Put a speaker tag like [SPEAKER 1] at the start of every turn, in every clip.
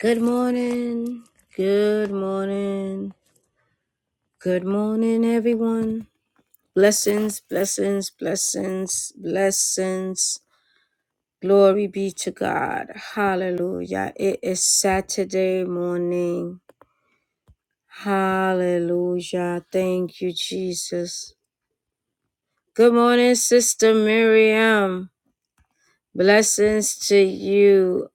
[SPEAKER 1] Good morning. Good morning. Good morning, everyone. Blessings, blessings, blessings, blessings. Glory be to God. Hallelujah. It is Saturday morning. Hallelujah. Thank you, Jesus. Good morning, Sister Miriam. Blessings to you.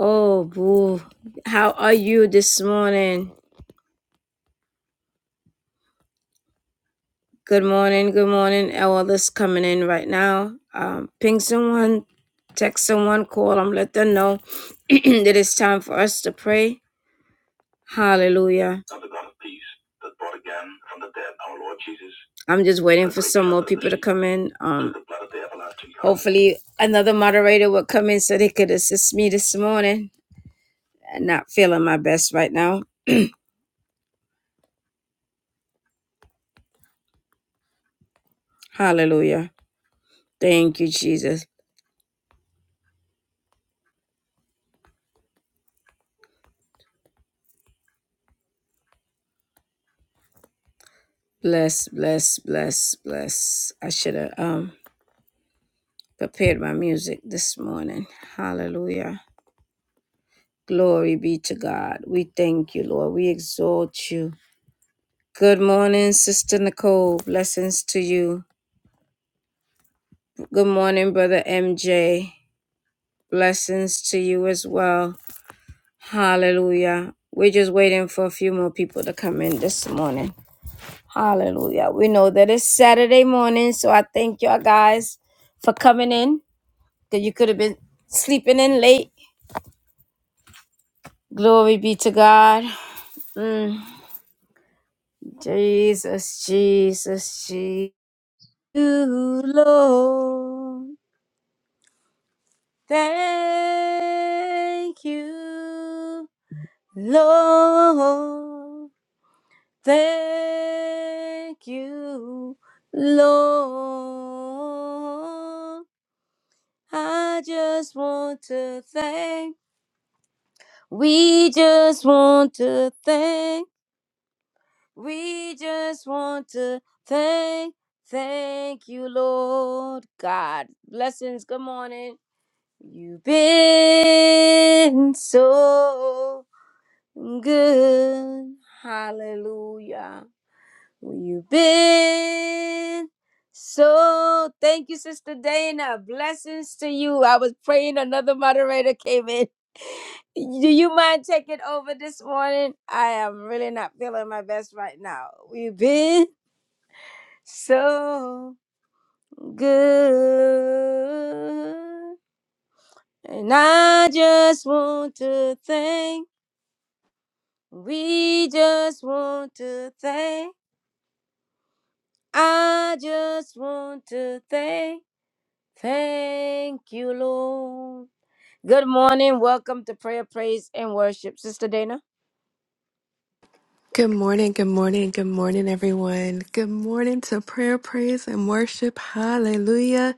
[SPEAKER 1] Oh, boo. How are you this morning? Good morning, good morning. And All this coming in right now. Um, ping someone, text someone, call them, let them know that it's time for us to pray. Hallelujah. I'm just waiting for some more people to come in. Um, hopefully, another moderator will come in so they could assist me this morning. I'm not feeling my best right now. Hallelujah. Thank you, Jesus. Bless, bless, bless, bless. I should have. Um, prepared my music this morning. Hallelujah. Glory be to God. We thank you, Lord. We exalt you. Good morning, Sister Nicole. Blessings to you. Good morning, Brother MJ. Blessings to you as well. Hallelujah. We're just waiting for a few more people to come in this morning. Hallelujah. We know that it's Saturday morning, so I thank y'all guys for coming in because you could have been sleeping in late Glory be to God. Mm. Jesus, Jesus, Jesus. You, Lord. Thank you, Lord. Thank you, Lord. I just want to thank. We just want to thank. We just want to thank, thank you, Lord God. Blessings. Good morning. You've been so good. Hallelujah. You've been so. Thank you, Sister Dana. Blessings to you. I was praying, another moderator came in. Do you mind taking over this morning? I am really not feeling my best right now. We've been so good. And I just want to thank, we just want to thank, I just want to thank, thank you, Lord. Good morning. Welcome to prayer, praise, and worship. Sister Dana?
[SPEAKER 2] Good morning, good morning, good morning, everyone. Good morning to prayer, praise, and worship. Hallelujah.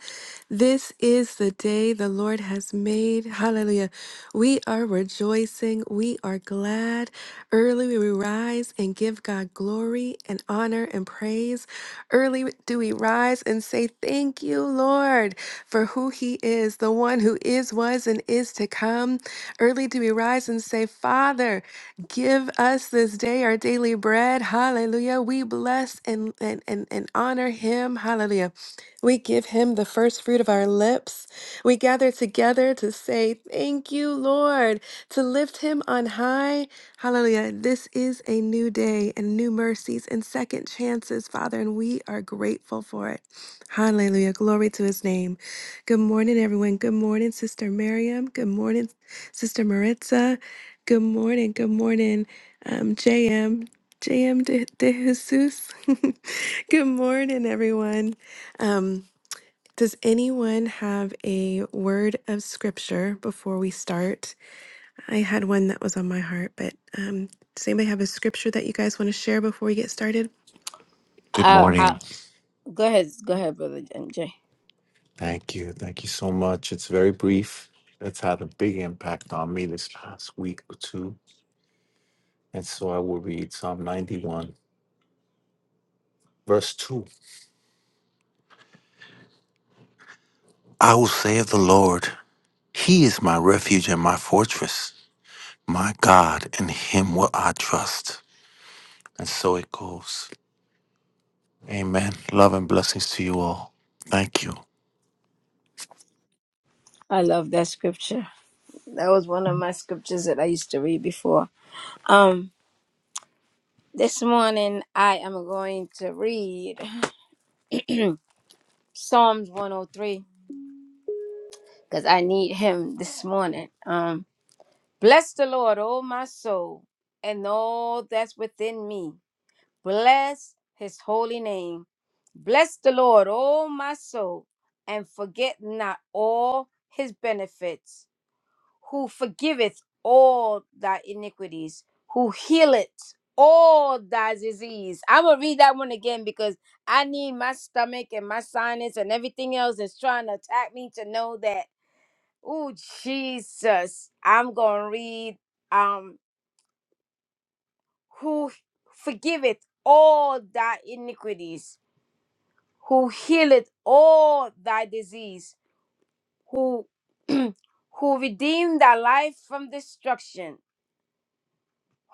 [SPEAKER 2] This is the day the Lord has made. Hallelujah. We are rejoicing. We are glad. Early we rise and give God glory and honor and praise and praise. Early do we rise and say, Thank you, Lord, for who He is, the one who is, was, and is to come. Early do we rise and say, Father, give us this day our daily bread. Hallelujah. We bless and, and, and, and honor Him. Hallelujah. We give Him the first fruit of our lips. We gather together to say, Thank you, Lord, to lift Him on high. Hallelujah. This is a new day and new mercies and second chances, Father, and we are grateful for it. Hallelujah. Glory to his name. Good morning, everyone. Good morning, Sister Miriam. Good morning, Sister Maritza. Good morning. Good morning, um, JM. de, de Jesus. Good morning, everyone. Um, does anyone have a word of scripture before we start? I had one that was on my heart, but um, does anybody have a scripture that you guys want to share before we get started?
[SPEAKER 3] Good
[SPEAKER 1] Uh, uh,
[SPEAKER 3] morning.
[SPEAKER 1] go ahead. Go ahead, Brother MJ.
[SPEAKER 3] Thank you. Thank you so much. It's very brief. It's had a big impact on me this past week or two. And so I will read Psalm 91, verse 2. I will say of the Lord, He is my refuge and my fortress, my God, in Him will I trust. And so it goes. Amen. Love and blessings to you all. Thank you.
[SPEAKER 1] I love that scripture. That was one of my scriptures that I used to read before. Um. This morning I am going to read Psalms 103 because I need him this morning. Um, bless the Lord, O my soul, and all that's within me. Bless his holy name. Bless the Lord, O my soul, and forget not all his benefits who forgiveth all thy iniquities, who healeth all thy disease. I'm gonna read that one again because I need my stomach and my sinus and everything else that's trying to attack me to know that, oh Jesus, I'm gonna read um who forgiveth all thy iniquities, who healeth all thy disease, who who redeemed thy life from destruction,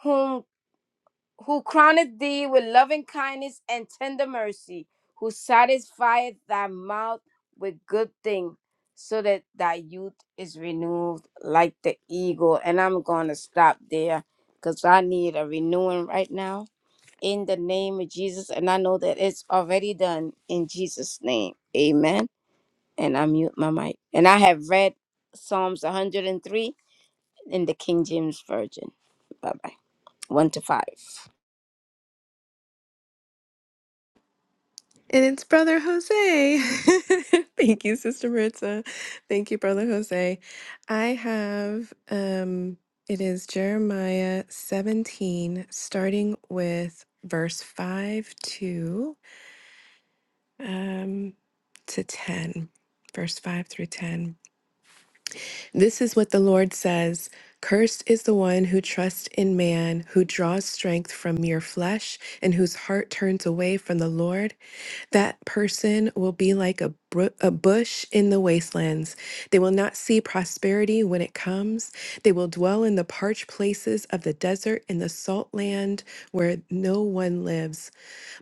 [SPEAKER 1] Whom? who crowneth thee with loving kindness and tender mercy, who satisfieth thy mouth with good things, so that thy youth is renewed like the eagle. And I'm going to stop there because I need a renewing right now in the name of Jesus. And I know that it's already done in Jesus' name. Amen. And I mute my mic. And I have read Psalms 103 in the King James Version. Bye bye. One to five.
[SPEAKER 2] And it's Brother Jose. Thank you, Sister Maritza. Thank you, Brother Jose. I have, um, it is Jeremiah 17, starting with verse 5 to, um, to 10, verse 5 through 10. This is what the Lord says Cursed is the one who trusts in man, who draws strength from mere flesh, and whose heart turns away from the Lord. That person will be like a, bru- a bush in the wastelands. They will not see prosperity when it comes. They will dwell in the parched places of the desert, in the salt land where no one lives.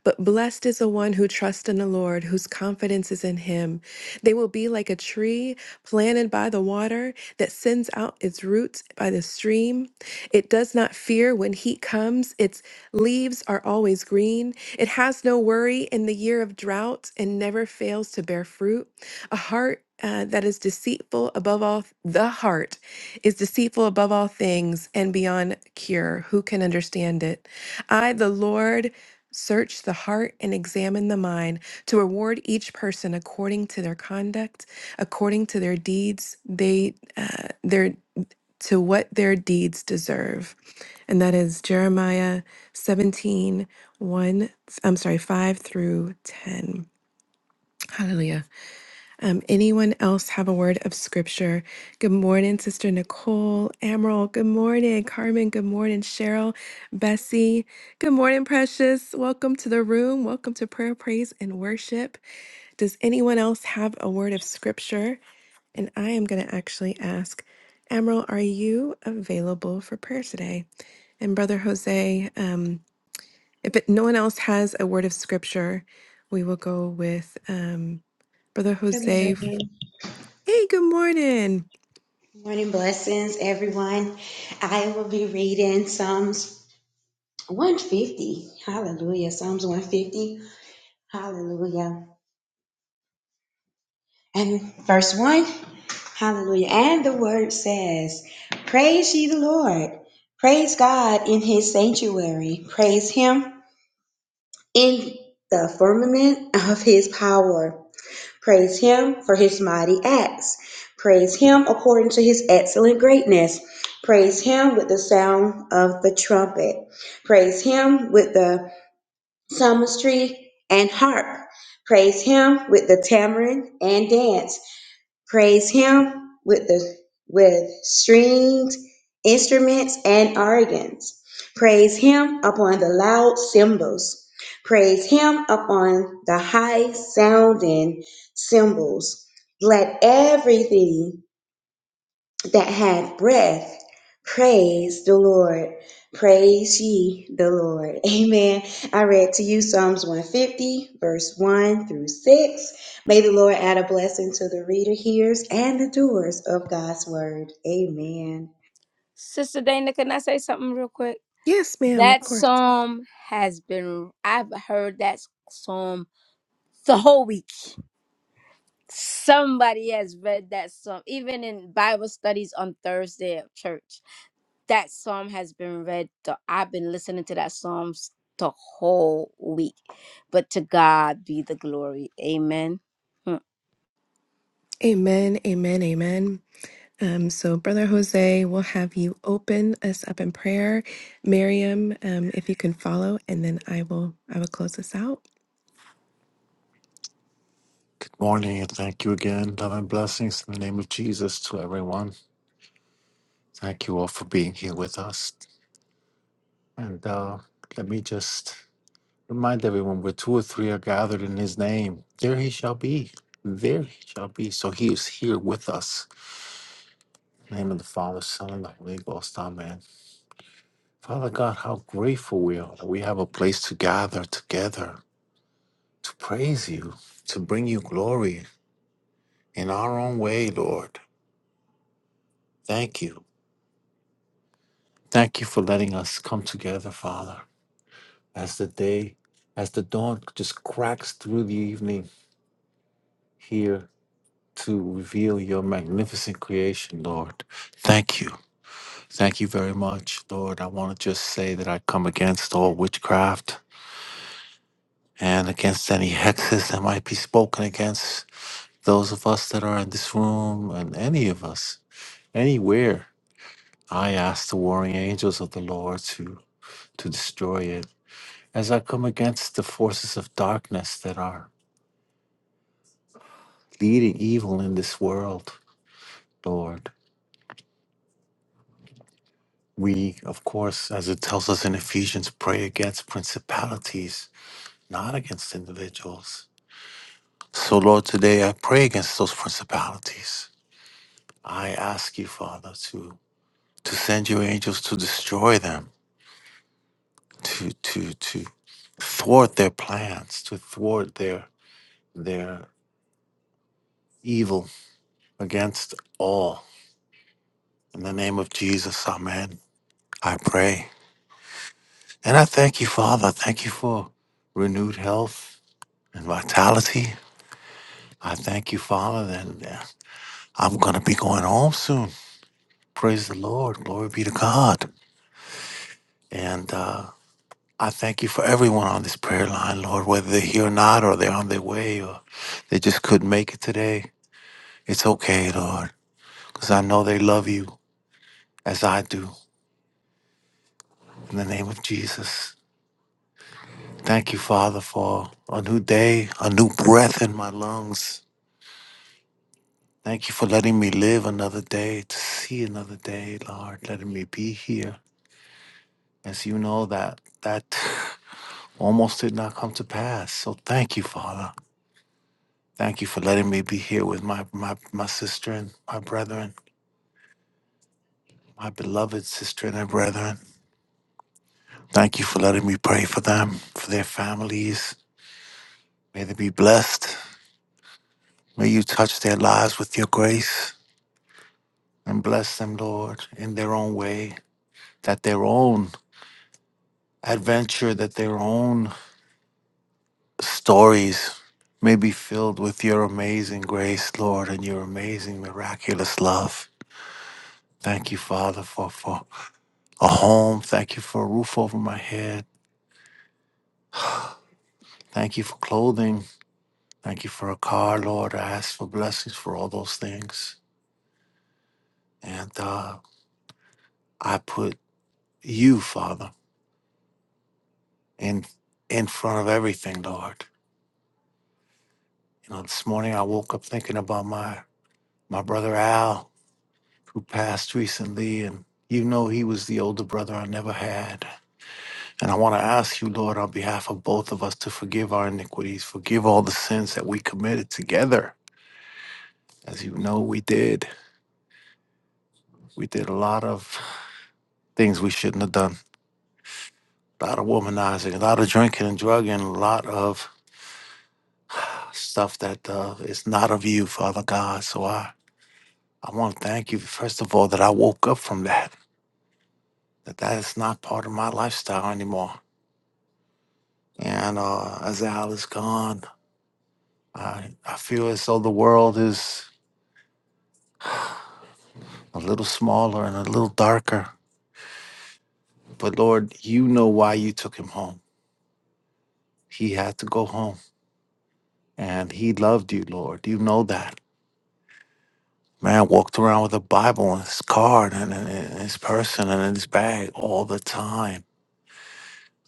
[SPEAKER 2] But blessed is the one who trusts in the Lord, whose confidence is in him. They will be like a tree planted by the water that sends out its roots by the stream. It does not fear when heat comes, its leaves are always green. It has no worry in the year of drought and never fails to bear fruit. A heart uh, that is deceitful above all, the heart is deceitful above all things and beyond cure. Who can understand it? I, the Lord, Search the heart and examine the mind to reward each person according to their conduct, according to their deeds, they uh, their to what their deeds deserve. And that is Jeremiah 17 i I'm sorry, 5 through 10. Hallelujah. Um, anyone else have a word of scripture? Good morning, Sister Nicole, Emerald. Good morning, Carmen. Good morning, Cheryl, Bessie. Good morning, Precious. Welcome to the room. Welcome to prayer, praise, and worship. Does anyone else have a word of scripture? And I am going to actually ask, Emerald, are you available for prayer today? And Brother Jose, um, if it, no one else has a word of scripture, we will go with um, Brother
[SPEAKER 4] Good
[SPEAKER 2] Jose
[SPEAKER 4] morning.
[SPEAKER 2] Hey, good morning.
[SPEAKER 4] Morning blessings, everyone. I will be reading Psalms 150. Hallelujah. Psalms 150. Hallelujah. And verse 1. Hallelujah. And the word says, Praise ye the Lord. Praise God in his sanctuary. Praise him in the firmament of his power. Praise him for his mighty acts. Praise him according to his excellent greatness. Praise him with the sound of the trumpet. Praise him with the psalmistry and harp. Praise him with the tamarind and dance. Praise him with the with strings, instruments, and organs. Praise him upon the loud cymbals. Praise him upon the high sounding cymbals. Let everything that have breath, praise the Lord. Praise ye the Lord. Amen. I read to you Psalms 150, verse 1 through 6. May the Lord add a blessing to the reader, hearers, and the doers of God's word. Amen.
[SPEAKER 1] Sister Dana, can I say something real quick?
[SPEAKER 2] Yes, ma'am, of
[SPEAKER 1] That
[SPEAKER 2] course.
[SPEAKER 1] psalm has been, I've heard that psalm the whole week. Somebody has read that psalm, even in Bible studies on Thursday at church. That psalm has been read. The, I've been listening to that psalm the whole week. But to God be the glory. Amen. Hmm.
[SPEAKER 2] Amen, amen, amen. Um, so, Brother Jose, we'll have you open us up in prayer. Miriam, um, if you can follow, and then I will, I will close this out.
[SPEAKER 3] Good morning and thank you again. Love and blessings in the name of Jesus to everyone. Thank you all for being here with us. And uh, let me just remind everyone where two or three are gathered in his name, there he shall be. There he shall be. So he is here with us. In the name of the Father, Son, and the Holy Ghost. Amen. Father God, how grateful we are that we have a place to gather together to praise you, to bring you glory in our own way, Lord. Thank you. Thank you for letting us come together, Father, as the day, as the dawn just cracks through the evening here to reveal your magnificent creation, Lord. Thank you. Thank you very much, Lord. I want to just say that I come against all witchcraft and against any hexes that might be spoken against those of us that are in this room and any of us, anywhere. I ask the warring angels of the Lord to, to destroy it. As I come against the forces of darkness that are leading evil in this world, Lord. We, of course, as it tells us in Ephesians, pray against principalities, not against individuals. So, Lord, today I pray against those principalities. I ask you, Father, to to send your angels to destroy them, to to to thwart their plans, to thwart their their evil against all. In the name of Jesus, Amen. I pray. And I thank you, Father. Thank you for renewed health and vitality. I thank you, Father, that uh, I'm going to be going home soon. Praise the Lord. Glory be to God. And uh, I thank you for everyone on this prayer line, Lord, whether they're here or not, or they're on their way, or they just couldn't make it today. It's okay, Lord, because I know they love you as I do. In the name of Jesus. Thank you, Father, for a new day, a new breath in my lungs. Thank you for letting me live another day, to see another day, Lord, letting me be here. as you know that that almost did not come to pass. So thank you, Father. Thank you for letting me be here with my my, my sister and my brethren, my beloved sister and her brethren. Thank you for letting me pray for them, for their families. May they be blessed. May you touch their lives with your grace and bless them, Lord, in their own way, that their own adventure, that their own stories may be filled with your amazing grace, Lord, and your amazing miraculous love. Thank you, Father, for, for a home. Thank you for a roof over my head. Thank you for clothing. Thank you for a car, Lord. I ask for blessings for all those things. And uh, I put you, Father, in in front of everything, Lord. You know, this morning I woke up thinking about my my brother Al who passed recently, and you know he was the older brother I never had. And I want to ask you, Lord, on behalf of both of us, to forgive our iniquities, forgive all the sins that we committed together. As you know, we did. We did a lot of things we shouldn't have done. A lot of womanizing, a lot of drinking and drugging, a lot of stuff that uh, is not of you, Father God. So I, I want to thank you, first of all, that I woke up from that, that that is not part of my lifestyle anymore And uh, as Al is gone, I, I feel as though the world is a little smaller and a little darker. But Lord, you know why you took him home. He had to go home. And he loved you, Lord. You know that. Man walked around with a Bible in his car and in, in his person and in his bag all the time.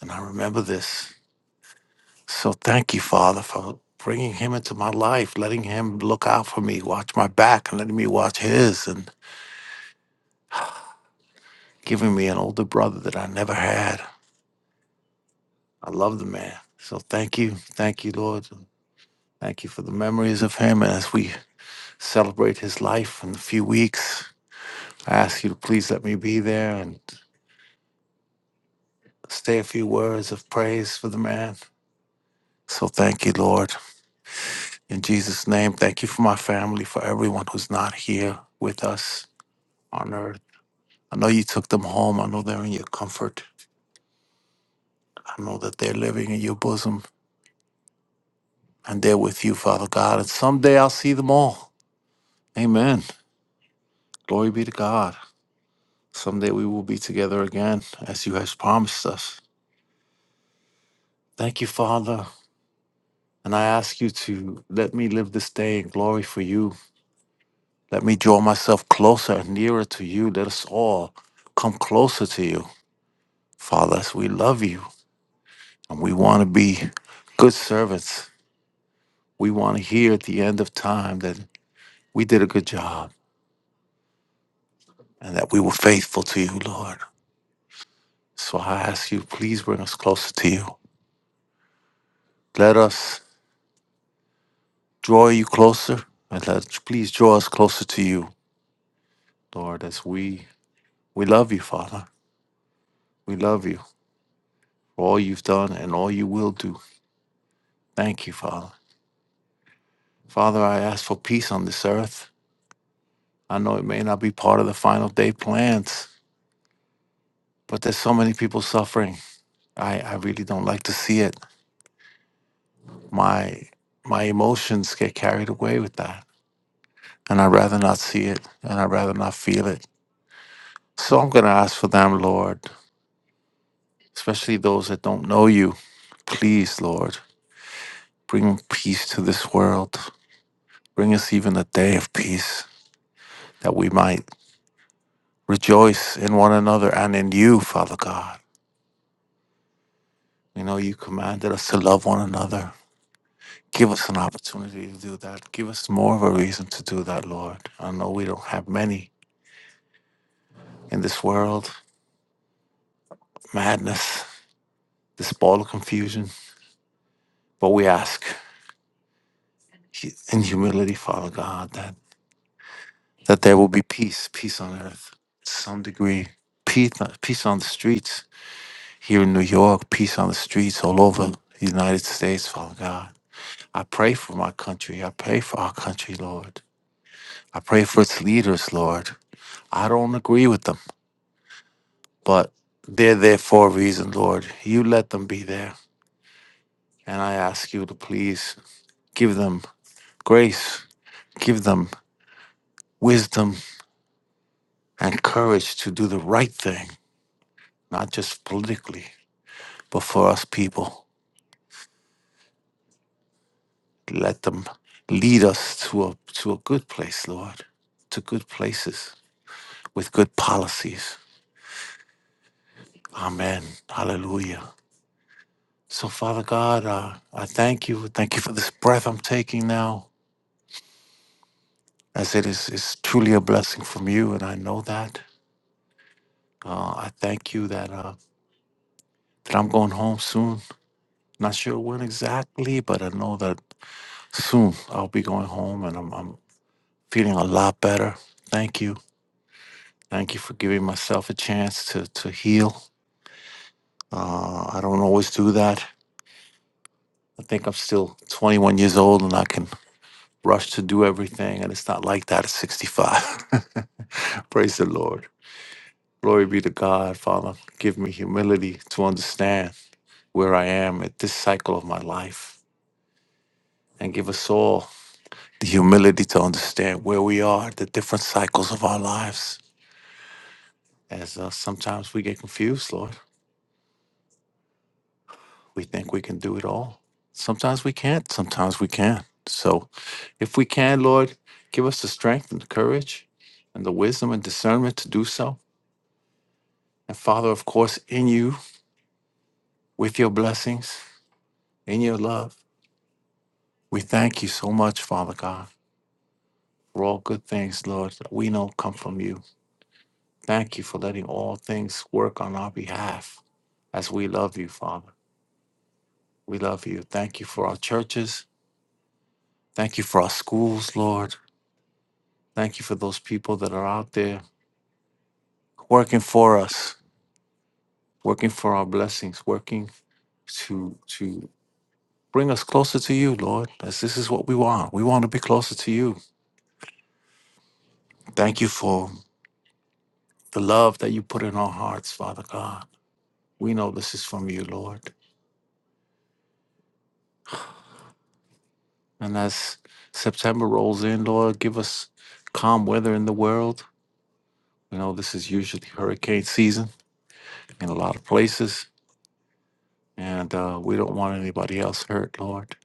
[SPEAKER 3] And I remember this. So thank you, Father, for bringing him into my life, letting him look out for me, watch my back, and letting me watch his. And giving me an older brother that I never had. I love the man. So thank you. Thank you, Lord. Thank you for the memories of him. And as we celebrate his life in a few weeks, I ask you to please let me be there and say a few words of praise for the man. So thank you, Lord. In Jesus' name, thank you for my family, for everyone who's not here with us on earth. I know you took them home. I know they're in your comfort. I know that they're living in your bosom and they're with you, Father God. And someday I'll see them all. Amen. Glory be to God. Someday we will be together again as you has promised us. Thank you, Father. And I ask you to let me live this day in glory for you. Let me draw myself closer and nearer to you. Let us all come closer to you, Father, as we love you and we want to be good servants. We want to hear at the end of time that we did a good job and that we were faithful to you, Lord. So I ask you, please bring us closer to you. Let us draw you closer and let please draw us closer to you, Lord, as we we love you, Father. We love you for all you've done and all you will do. Thank you, Father. Father, I ask for peace on this earth. I know it may not be part of the final day plans, but there's so many people suffering. I, I really don't like to see it. My my emotions get carried away with that. And I'd rather not see it and I'd rather not feel it. So I'm gonna ask for them, Lord. especially those that don't know you. Please, Lord, bring peace to this world. Bring us even a day of peace that we might rejoice in one another and in you, Father God. We know you commanded us to love one another. Give us an opportunity to do that. Give us more of a reason to do that, Lord. I know we don't have many in this world, madness, this ball of confusion, but we ask in humility, Father God, that that there will be peace, peace on earth to some degree, peace, peace on the streets here in New York, peace on the streets all over the United States, Father God. I pray for my country. I pray for our country, Lord. I pray for its leaders, Lord. I don't agree with them, but they're there for a reason, Lord. You let them be there. And I ask you to please give them grace, give them wisdom and courage to do the right thing, not just politically, but for us people. Let them lead us to a to a good place, Lord, to good places with good policies. Amen. Hallelujah. So, Father God, uh, I thank you. Thank you for this breath I'm taking now, as it is is truly a blessing from you, and I know that. Uh, I thank you that uh, that I'm going home soon. Not sure when exactly, but I know that soon I'll be going home, and I'm, I'm feeling a lot better. Thank you. Thank you for giving myself a chance to to heal Uh, I don't always do that. I think I'm still 21 years old and I can rush to do everything. And it's not like that at 65. Praise the Lord. Glory be to God, Father. Give me humility to understand where I am at this cycle of my life and give us all the humility to understand where we are, the different cycles of our lives. As uh, sometimes we get confused, Lord. We think we can do it all. Sometimes we can't, sometimes we can. So if we can, Lord, give us the strength and the courage and the wisdom and discernment to do so. And Father, of course, in you, with your blessings, in your love, we thank you so much, Father God, for all good things, Lord, that we know come from you. Thank you for letting all things work on our behalf as we love you, Father. We love you. Thank you for our churches. Thank you for our schools, Lord. Thank you for those people that are out there working for us, working for our blessings, working to to bring us closer to you, Lord. As this is what we want. We want to be closer to you. Thank you for the love that you put in our hearts, Father God. We know this is from you, Lord. And as September rolls in, Lord, give us calm weather in the world. You know, this is usually hurricane season in a lot of places, and uh, we don't want anybody else hurt, Lord.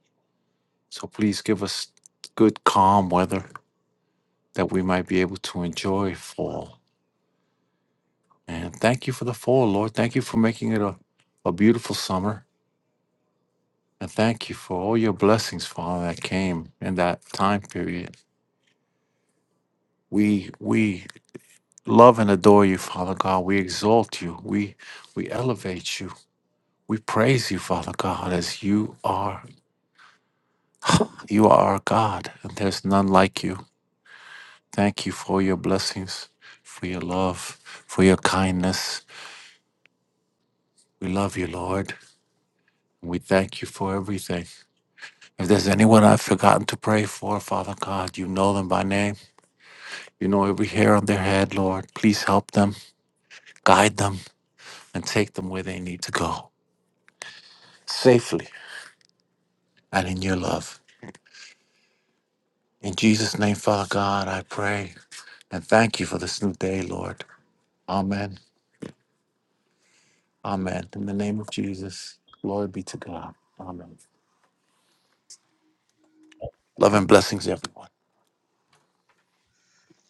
[SPEAKER 3] So please give us good, calm weather that we might be able to enjoy fall. And thank you for the fall, Lord. Thank you for making it a, a beautiful summer. And thank you for all your blessings, Father, that came in that time period. We we love and adore you, Father God. We exalt you. We we elevate you. We praise you, Father God, as you are you are our God, and there's none like you. Thank you for your blessings, for your love, for your kindness. We love you, Lord. We thank you for everything. If there's anyone I've forgotten to pray for, Father God, you know them by name. You know every hair on their head, Lord. Please help them, guide them, and take them where they need to go safely and in your love. In Jesus' name, Father God, I pray and thank you for this new day, Lord. Amen. Amen. In the name of Jesus, glory be to God. Amen. Love and blessings, everyone.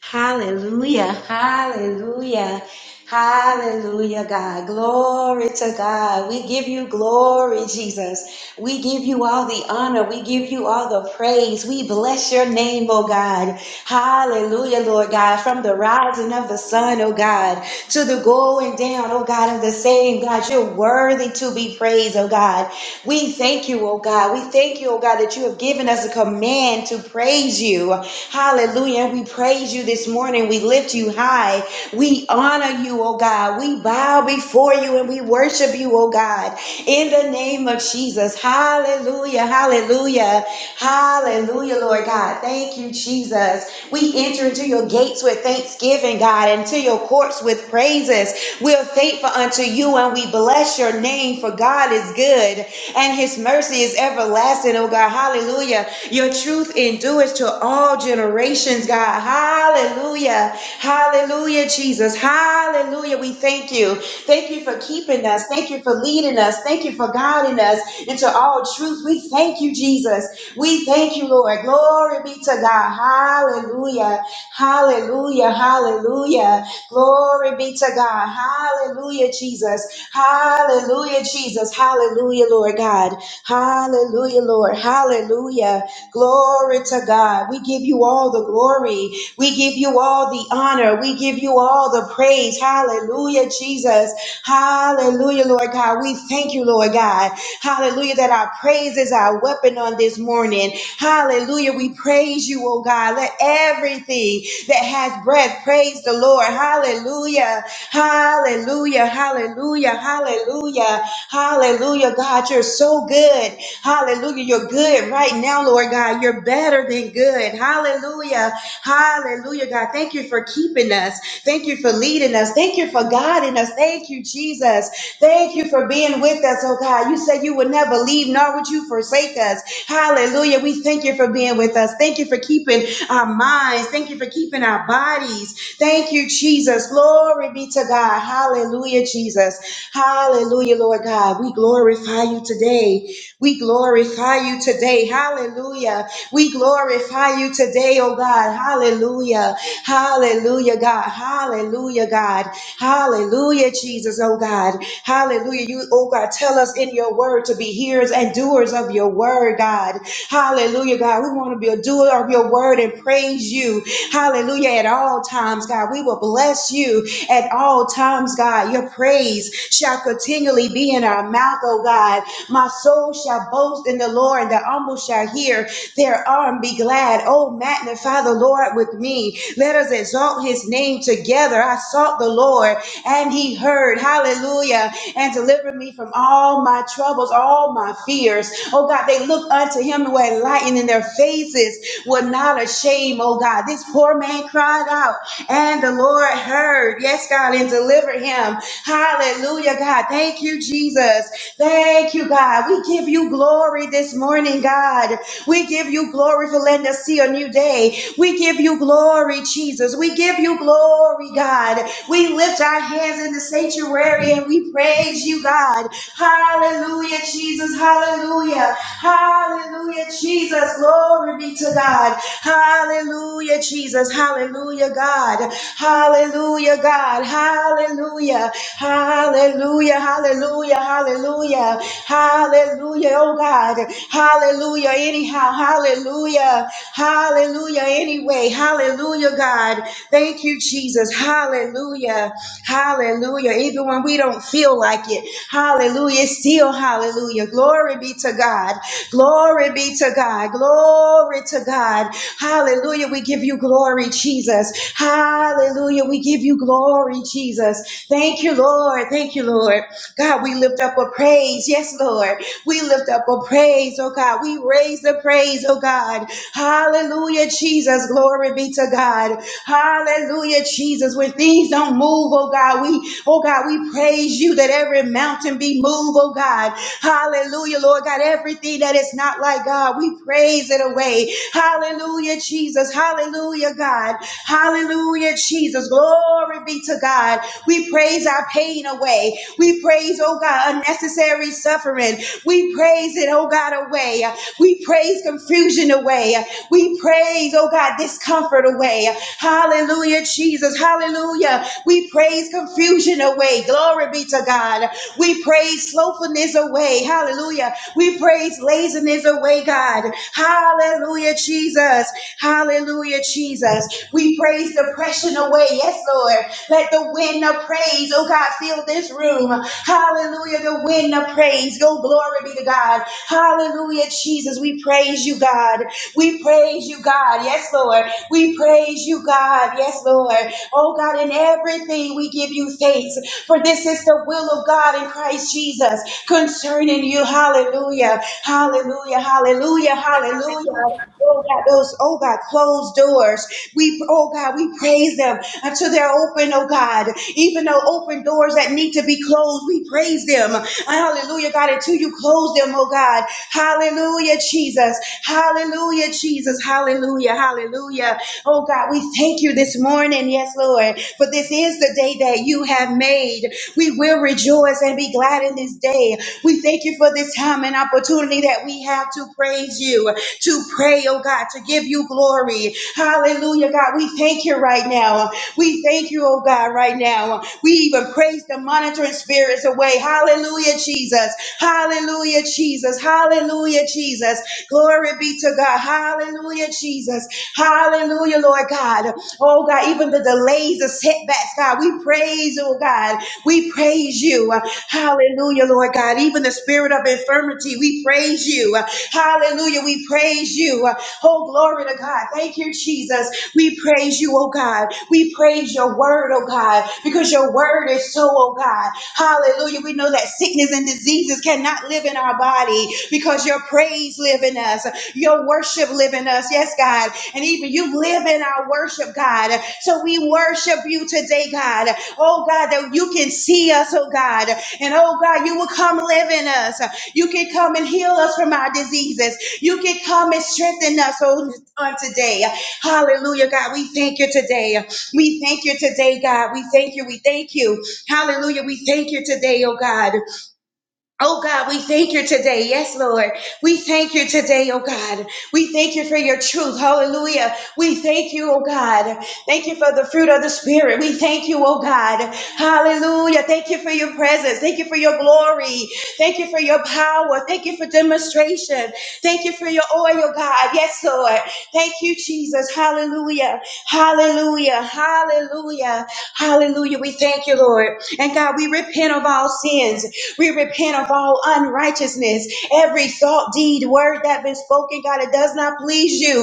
[SPEAKER 4] Hallelujah, hallelujah, hallelujah, God. Glory to God. We give you glory, Jesus. We give you all the honor. We give you all the praise. We bless your name, oh God. Hallelujah, Lord God. From the rising of the sun, oh God, to the going down, oh God, of the same, God. You're worthy to be praised, oh God. We thank you, oh God. We thank you, oh God, that you have given us a command to praise you. Hallelujah. we praise you this morning. We lift you high. We honor you, oh God. We bow before you and we worship you, oh God. In the name of Jesus. Hallelujah. Hallelujah. Hallelujah, Lord God. Thank you, Jesus. We enter into your gates with thanksgiving, God, and to your courts with praise praises. We're faithful unto you and we bless your name for God is good and his mercy is everlasting, oh God. Hallelujah. Your truth endures to all generations, God. Hallelujah. Hallelujah, Jesus. Hallelujah. We thank you. Thank you for keeping us. Thank you for leading us. Thank you for guiding us into all truth. We thank you, Jesus. We thank you, Lord. Glory be to God. Hallelujah. Hallelujah. Hallelujah. Glory be to God. Hallelujah, Jesus. Hallelujah, Jesus. Hallelujah, Lord God. Hallelujah, Lord. Hallelujah. Glory to God. We give you all the glory. We give you all the honor. We give you all the praise. Hallelujah, Jesus. Hallelujah, Lord God. We thank you, Lord God. Hallelujah, that our praise is our weapon on this morning. Hallelujah. We praise you, oh God. Let everything that has breath. Praise the Lord. Hallelujah. Hallelujah. Hallelujah. Hallelujah. Hallelujah. God, you're so good. Hallelujah. You're good right now, Lord God. You're better than good. Hallelujah. Hallelujah, God. Thank you for keeping us. Thank you for leading us. Thank you for guiding us. Thank you, Jesus. Thank you for being with us, oh God. You said you would never leave, nor would you forsake us. Hallelujah. We thank you for being with us. Thank you for keeping our minds. Thank you for keeping our bodies. Thank you, Jesus. Glory be to God. Hallelujah, Jesus. Hallelujah, Lord God. We glorify you today. We glorify you today. Hallelujah. We glorify you today, oh God. Hallelujah. Hallelujah, God. Hallelujah, God. Hallelujah, Jesus, oh God. Hallelujah. You, oh God, tell us in your word to be hearers and doers of your word, God. Hallelujah, God. We want to be a doer of your word and praise you. Hallelujah. At all times, God. We will bless you at all times, God. Your praise praise shall continually be in our mouth, O God. My soul shall boast in the Lord, and the humble shall hear their arm be glad. Oh, magnify the Lord with me. Let us exalt his name together. I sought the Lord, and he heard. Hallelujah. And delivered me from all my troubles, all my fears. Oh, God, they look unto him who were enlightened, and their faces were not ashamed. Oh, God, this poor man cried out, and the Lord heard. Yes, God, and delivered him. Hallelujah, God. Thank you, Jesus. Thank you, God. We give you glory this morning, God. We give you glory for letting us see a new day. We give you glory, Jesus. We give you glory, God. We lift our hands in the sanctuary and we praise you, God. Hallelujah, Jesus. Hallelujah. Hallelujah, Jesus. Glory be to God. Hallelujah, Jesus. Hallelujah, God. Hallelujah, God. Hallelujah. Hallelujah. Hallelujah. Hallelujah. Hallelujah. Oh God. Hallelujah. Anyhow. Hallelujah. Hallelujah. Anyway. Hallelujah, God. Thank you, Jesus. Hallelujah. Hallelujah. Even when we don't feel like it. Hallelujah. It's still hallelujah. Glory be to God. Glory be to God. Glory to God. Hallelujah. We give you glory, Jesus. Hallelujah. We give you glory, Jesus. Thank you, Lord. Thank you, Lord. God, we lift up a praise. Yes, Lord. We lift up a praise, oh God. We raise the praise, oh God. Hallelujah, Jesus. Glory be to God. Hallelujah, Jesus. When things don't move, oh God, we, oh God, we praise you that every mountain be moved, oh God. Hallelujah, Lord God. Everything that is not like God, we praise it away. Hallelujah, Jesus. Hallelujah, God. Hallelujah, Jesus. Glory be to God. God. We praise our pain away. We praise, oh God, unnecessary suffering. We praise it, oh God, away. We praise confusion away. We praise, oh God, discomfort away. Hallelujah, Jesus. Hallelujah. We praise confusion away. Glory be to God. We praise slothfulness away. Hallelujah. We praise laziness away, God. Hallelujah, Jesus. Hallelujah, Jesus. We praise depression away. Yes, Lord. Let the wind of praise, oh God, fill this room. Hallelujah. The wind of praise. Go glory be to God. Hallelujah, Jesus. We praise you, God. We praise you, God. Yes, Lord. We praise you, God. Yes, Lord. Oh God, in everything we give you thanks. For this is the will of God in Christ Jesus concerning you. Hallelujah. Hallelujah. Hallelujah. Hallelujah. Oh God, those, oh God, closed doors. We, oh God, we praise them until they're open, oh God. Even though open doors that need to be closed, we praise them. Hallelujah, God, until you close them, oh God. Hallelujah, Jesus. Hallelujah, Jesus. Hallelujah, hallelujah. Oh God, we thank you this morning, yes, Lord, for this is the day that you have made. We will rejoice and be glad in this day. We thank you for this time and opportunity that we have to praise you to pray, oh God, to give you glory. Hallelujah, God. We thank you right now. We thank you, oh God, right now. We even praise the monitoring spirits away. Hallelujah, Jesus. Hallelujah, Jesus. Hallelujah, Jesus. Glory be to God. Hallelujah, Jesus. Hallelujah, Lord God. Oh God, even the delays, the setbacks, God, we praise, oh God. We praise you. Hallelujah, Lord God. Even the spirit of infirmity, we praise you. Hallelujah. We praise you. Oh, glory to God. Thank you, Jesus. We praise you, oh God. We praise your word, oh God, because your word is so, oh God. Hallelujah. We know that sickness and diseases cannot live in our body because your praise live in us. Your worship live in us. Yes, God. And even you live in our worship, God. So we worship you today, God. Oh God, that you can see us, oh God. And oh God, you will come live in us. You can come and heal us from our diseases. You can come and strengthen us on, on today. Hallelujah, God. We thank you today. We thank you today, God. We thank you. We thank you. Hallelujah. We thank you today, oh God. Oh God, we thank you today. Yes, Lord. We thank you today, oh God. We thank you for your truth. Hallelujah. We thank you, oh God. Thank you for the fruit of the Spirit. We thank you, oh God. Hallelujah. Thank you for your presence. Thank you for your glory. Thank you for your power. Thank you for demonstration. Thank you for your oil, oh God. Yes, Lord. Thank you, Jesus. Hallelujah. Hallelujah. Hallelujah. Hallelujah. We thank you, Lord. And God, we repent of all sins. We repent of all unrighteousness, every thought, deed, word that been spoken, God, it does not please you.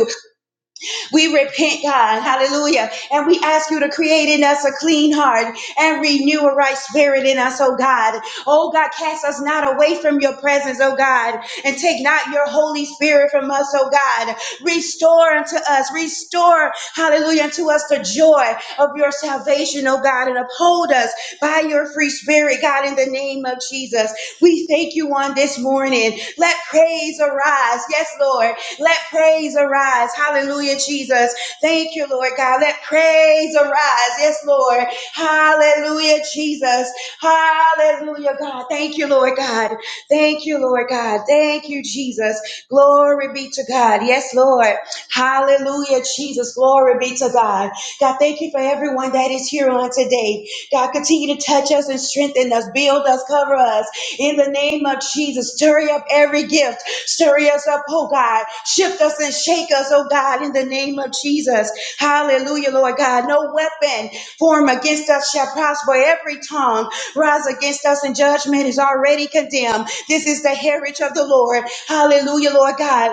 [SPEAKER 4] We repent, God, hallelujah. And we ask you to create in us a clean heart and renew a right spirit in us, oh God. Oh God, cast us not away from your presence, oh God, and take not your Holy Spirit from us, oh God. Restore unto us, restore, hallelujah, unto us the joy of your salvation, oh God, and uphold us by your free spirit, God, in the name of Jesus. We thank you on this morning. Let praise arise. Yes, Lord. Let praise arise. Hallelujah, Jesus. Thank you, Lord God. Let praise arise. Yes, Lord. Hallelujah, Jesus. Hallelujah, God. Thank you, Lord God. Thank you, Lord God. Thank you, Jesus. Glory be to God. Yes, Lord. Hallelujah, Jesus. Glory be to God. God, thank you for everyone that is here on today. God, continue to touch us and strengthen us, build us, cover us. In the name of Jesus, stir up every gift. Stir us up, oh God. Shift us and shake us, oh God, in the name of Jesus. Hallelujah, Lord God. No weapon formed against us shall prosper. Every tongue rise against us in judgment is already condemned. This is the heritage of the Lord. Hallelujah, Lord God.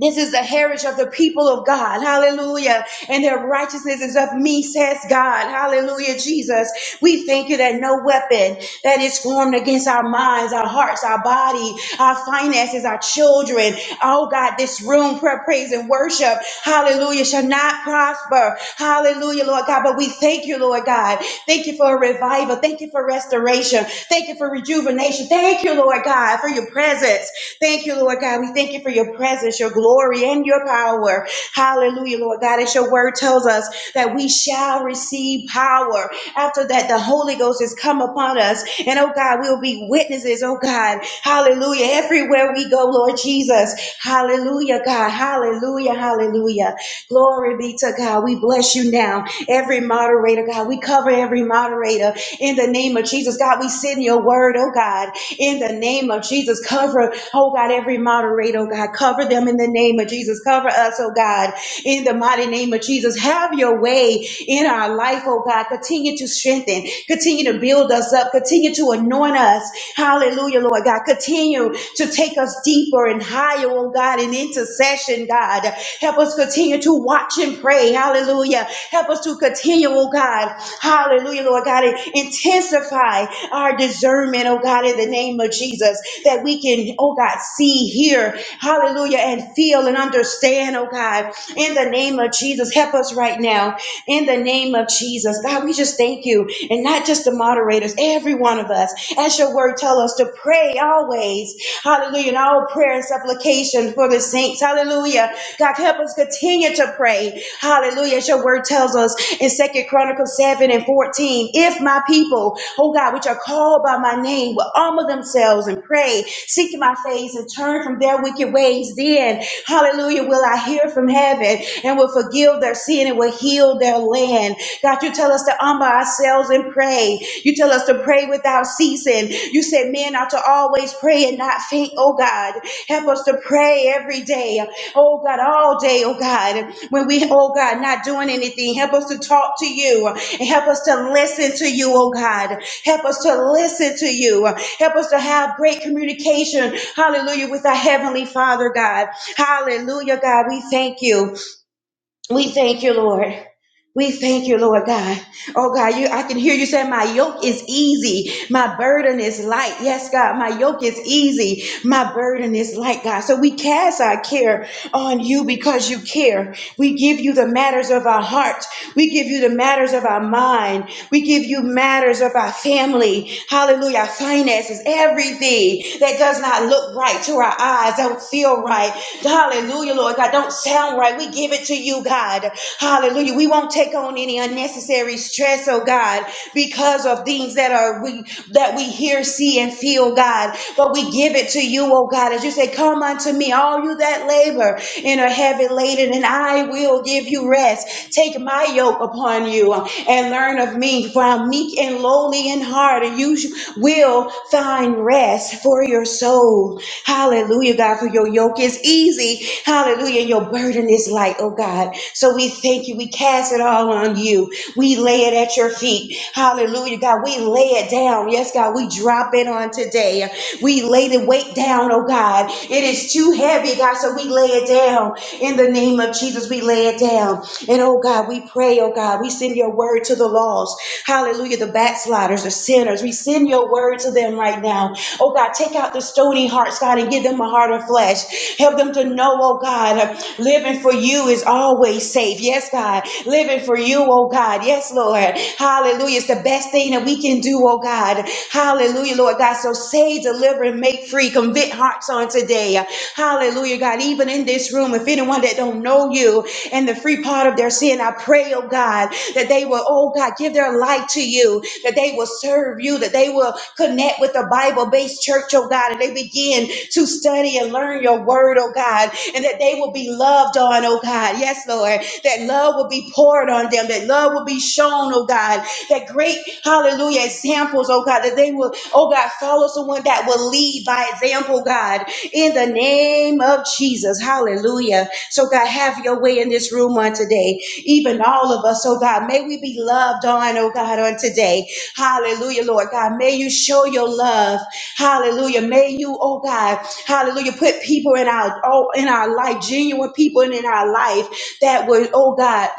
[SPEAKER 4] This is the heritage of the people of God. Hallelujah. And their righteousness is of me, says God. Hallelujah, Jesus. We thank you that no weapon that is formed against our minds, our hearts, our body, our finances, our children, oh God, this room, prayer, praise, and worship, hallelujah, shall not prosper. Hallelujah, Lord God. But we thank you, Lord God. Thank you for a revival. Thank you for restoration restoration. Thank you for rejuvenation. Thank you, Lord God, for your presence. Thank you, Lord God. We thank you for your presence, your glory, and your power. Hallelujah, Lord God. As your word tells us that we shall receive power. After that, the Holy Ghost has come upon us. And oh God, we'll be witnesses, oh God. Hallelujah. Everywhere we go, Lord Jesus. Hallelujah, God. Hallelujah, hallelujah. Glory be to God. We bless you now. Every moderator, God, we cover every moderator in the name of Jesus. God, we send your word, oh God, in the name of Jesus. Cover, oh God, every moderator, oh God. Cover them in the name of Jesus. Cover us, oh God, in the mighty name of Jesus. Have your way in our life, oh God. Continue to strengthen, continue to build us up, continue to anoint us. Hallelujah, Lord God. Lord God. Continue to take us deeper and higher, oh God, in intercession, God. Help us continue to watch and pray. Hallelujah. Help us to continue, oh God. Hallelujah, Lord God. and Intensify our discernment, oh God, in the name of Jesus, that we can, oh God, see, hear, hallelujah, and feel and understand, oh God, in the name of Jesus. Help us right now. In the name of name of Jesus. God, we just thank you. And not just the moderators, every one of us. As your word tell us to pray always. Hallelujah. In all prayer and supplication for the saints. Hallelujah. God, help us continue to pray. Hallelujah. As your word tells us in Second Chronicles 7 and 14, if my people, oh God, which are called by my name, will humble themselves and pray, seek my face and turn from their wicked ways ways, then, hallelujah, will I hear from heaven and will forgive their sin and will heal their land. God, you tell us to humble ourselves and pray. You tell us to pray without ceasing. You said men ought to always pray and not faint, oh God. Help us to pray every day, oh God, all day, oh God. When we, oh God, not doing anything, help us to talk to you and help us to listen to you, oh God. Help us to listen to you. Help us to have great communication, hallelujah, with our Heavenly Father, God. Hallelujah, God. We thank you. We thank you, Lord. We thank you, Lord God. Oh God, you I can hear you say, My yoke is easy, my burden is light. Yes, God, my yoke is easy, my burden is light, God. So we cast our care on you because you care. We give you the matters of our heart, we give you the matters of our mind, we give you matters of our family, hallelujah, our finances, everything that does not look right to our eyes, don't feel right. Hallelujah, Lord God. Don't sound right. We give it to you, God. Hallelujah. We won't take on any unnecessary stress, oh God, because of things that are we that we hear, see, and feel, God. But we give it to you, oh God. As you say, Come unto me, all you that labor and are heavy laden, and I will give you rest. Take my yoke upon you and learn of me, for I'm meek and lowly in heart, and you will find rest for your soul. Hallelujah, God, for your yoke is easy. Hallelujah, and your burden is light, oh God. So we thank you. We cast it all on you. We lay it at your feet. Hallelujah, God. We lay it down. Yes, God, we drop it on today. We lay the weight down, oh God. It is too heavy, God, so we lay it down. In the name of Jesus, we lay it down. And oh God, we pray, oh God, we send your word to the lost. Hallelujah, the backsliders, the sinners. We send your word to them right now. Oh God, take out the stony hearts, God, and give them a heart of flesh. Help them to know, oh God, living for you is always safe. Yes, God, living for you, oh God. Yes, Lord. Hallelujah. It's the best thing that we can do, oh God. Hallelujah, Lord God. So save, deliver, and make free. Convict hearts on today. Hallelujah, God. Even in this room, if anyone that don't know you, and the free part of their sin. I pray, oh God, that they will, oh God, give their life to you, that they will serve you, that they will connect with the Bible based church, oh God, and they begin to study and learn your word, oh God, and that they will be loved on, oh God. Yes, Lord, that love will be poured on them, that love will be shown, oh God, that great, hallelujah, examples, oh God, that they will, oh God, follow someone that will lead by example, God in the name of Jesus. Hallelujah. So, God, have your way in this room on today, even all of us. Oh, God, may we be loved on, oh, God, on today. Hallelujah, Lord God. May you show your love. Hallelujah. May you, oh, God, hallelujah, put people in our, oh, in our life, genuine people in our life that would, oh, God,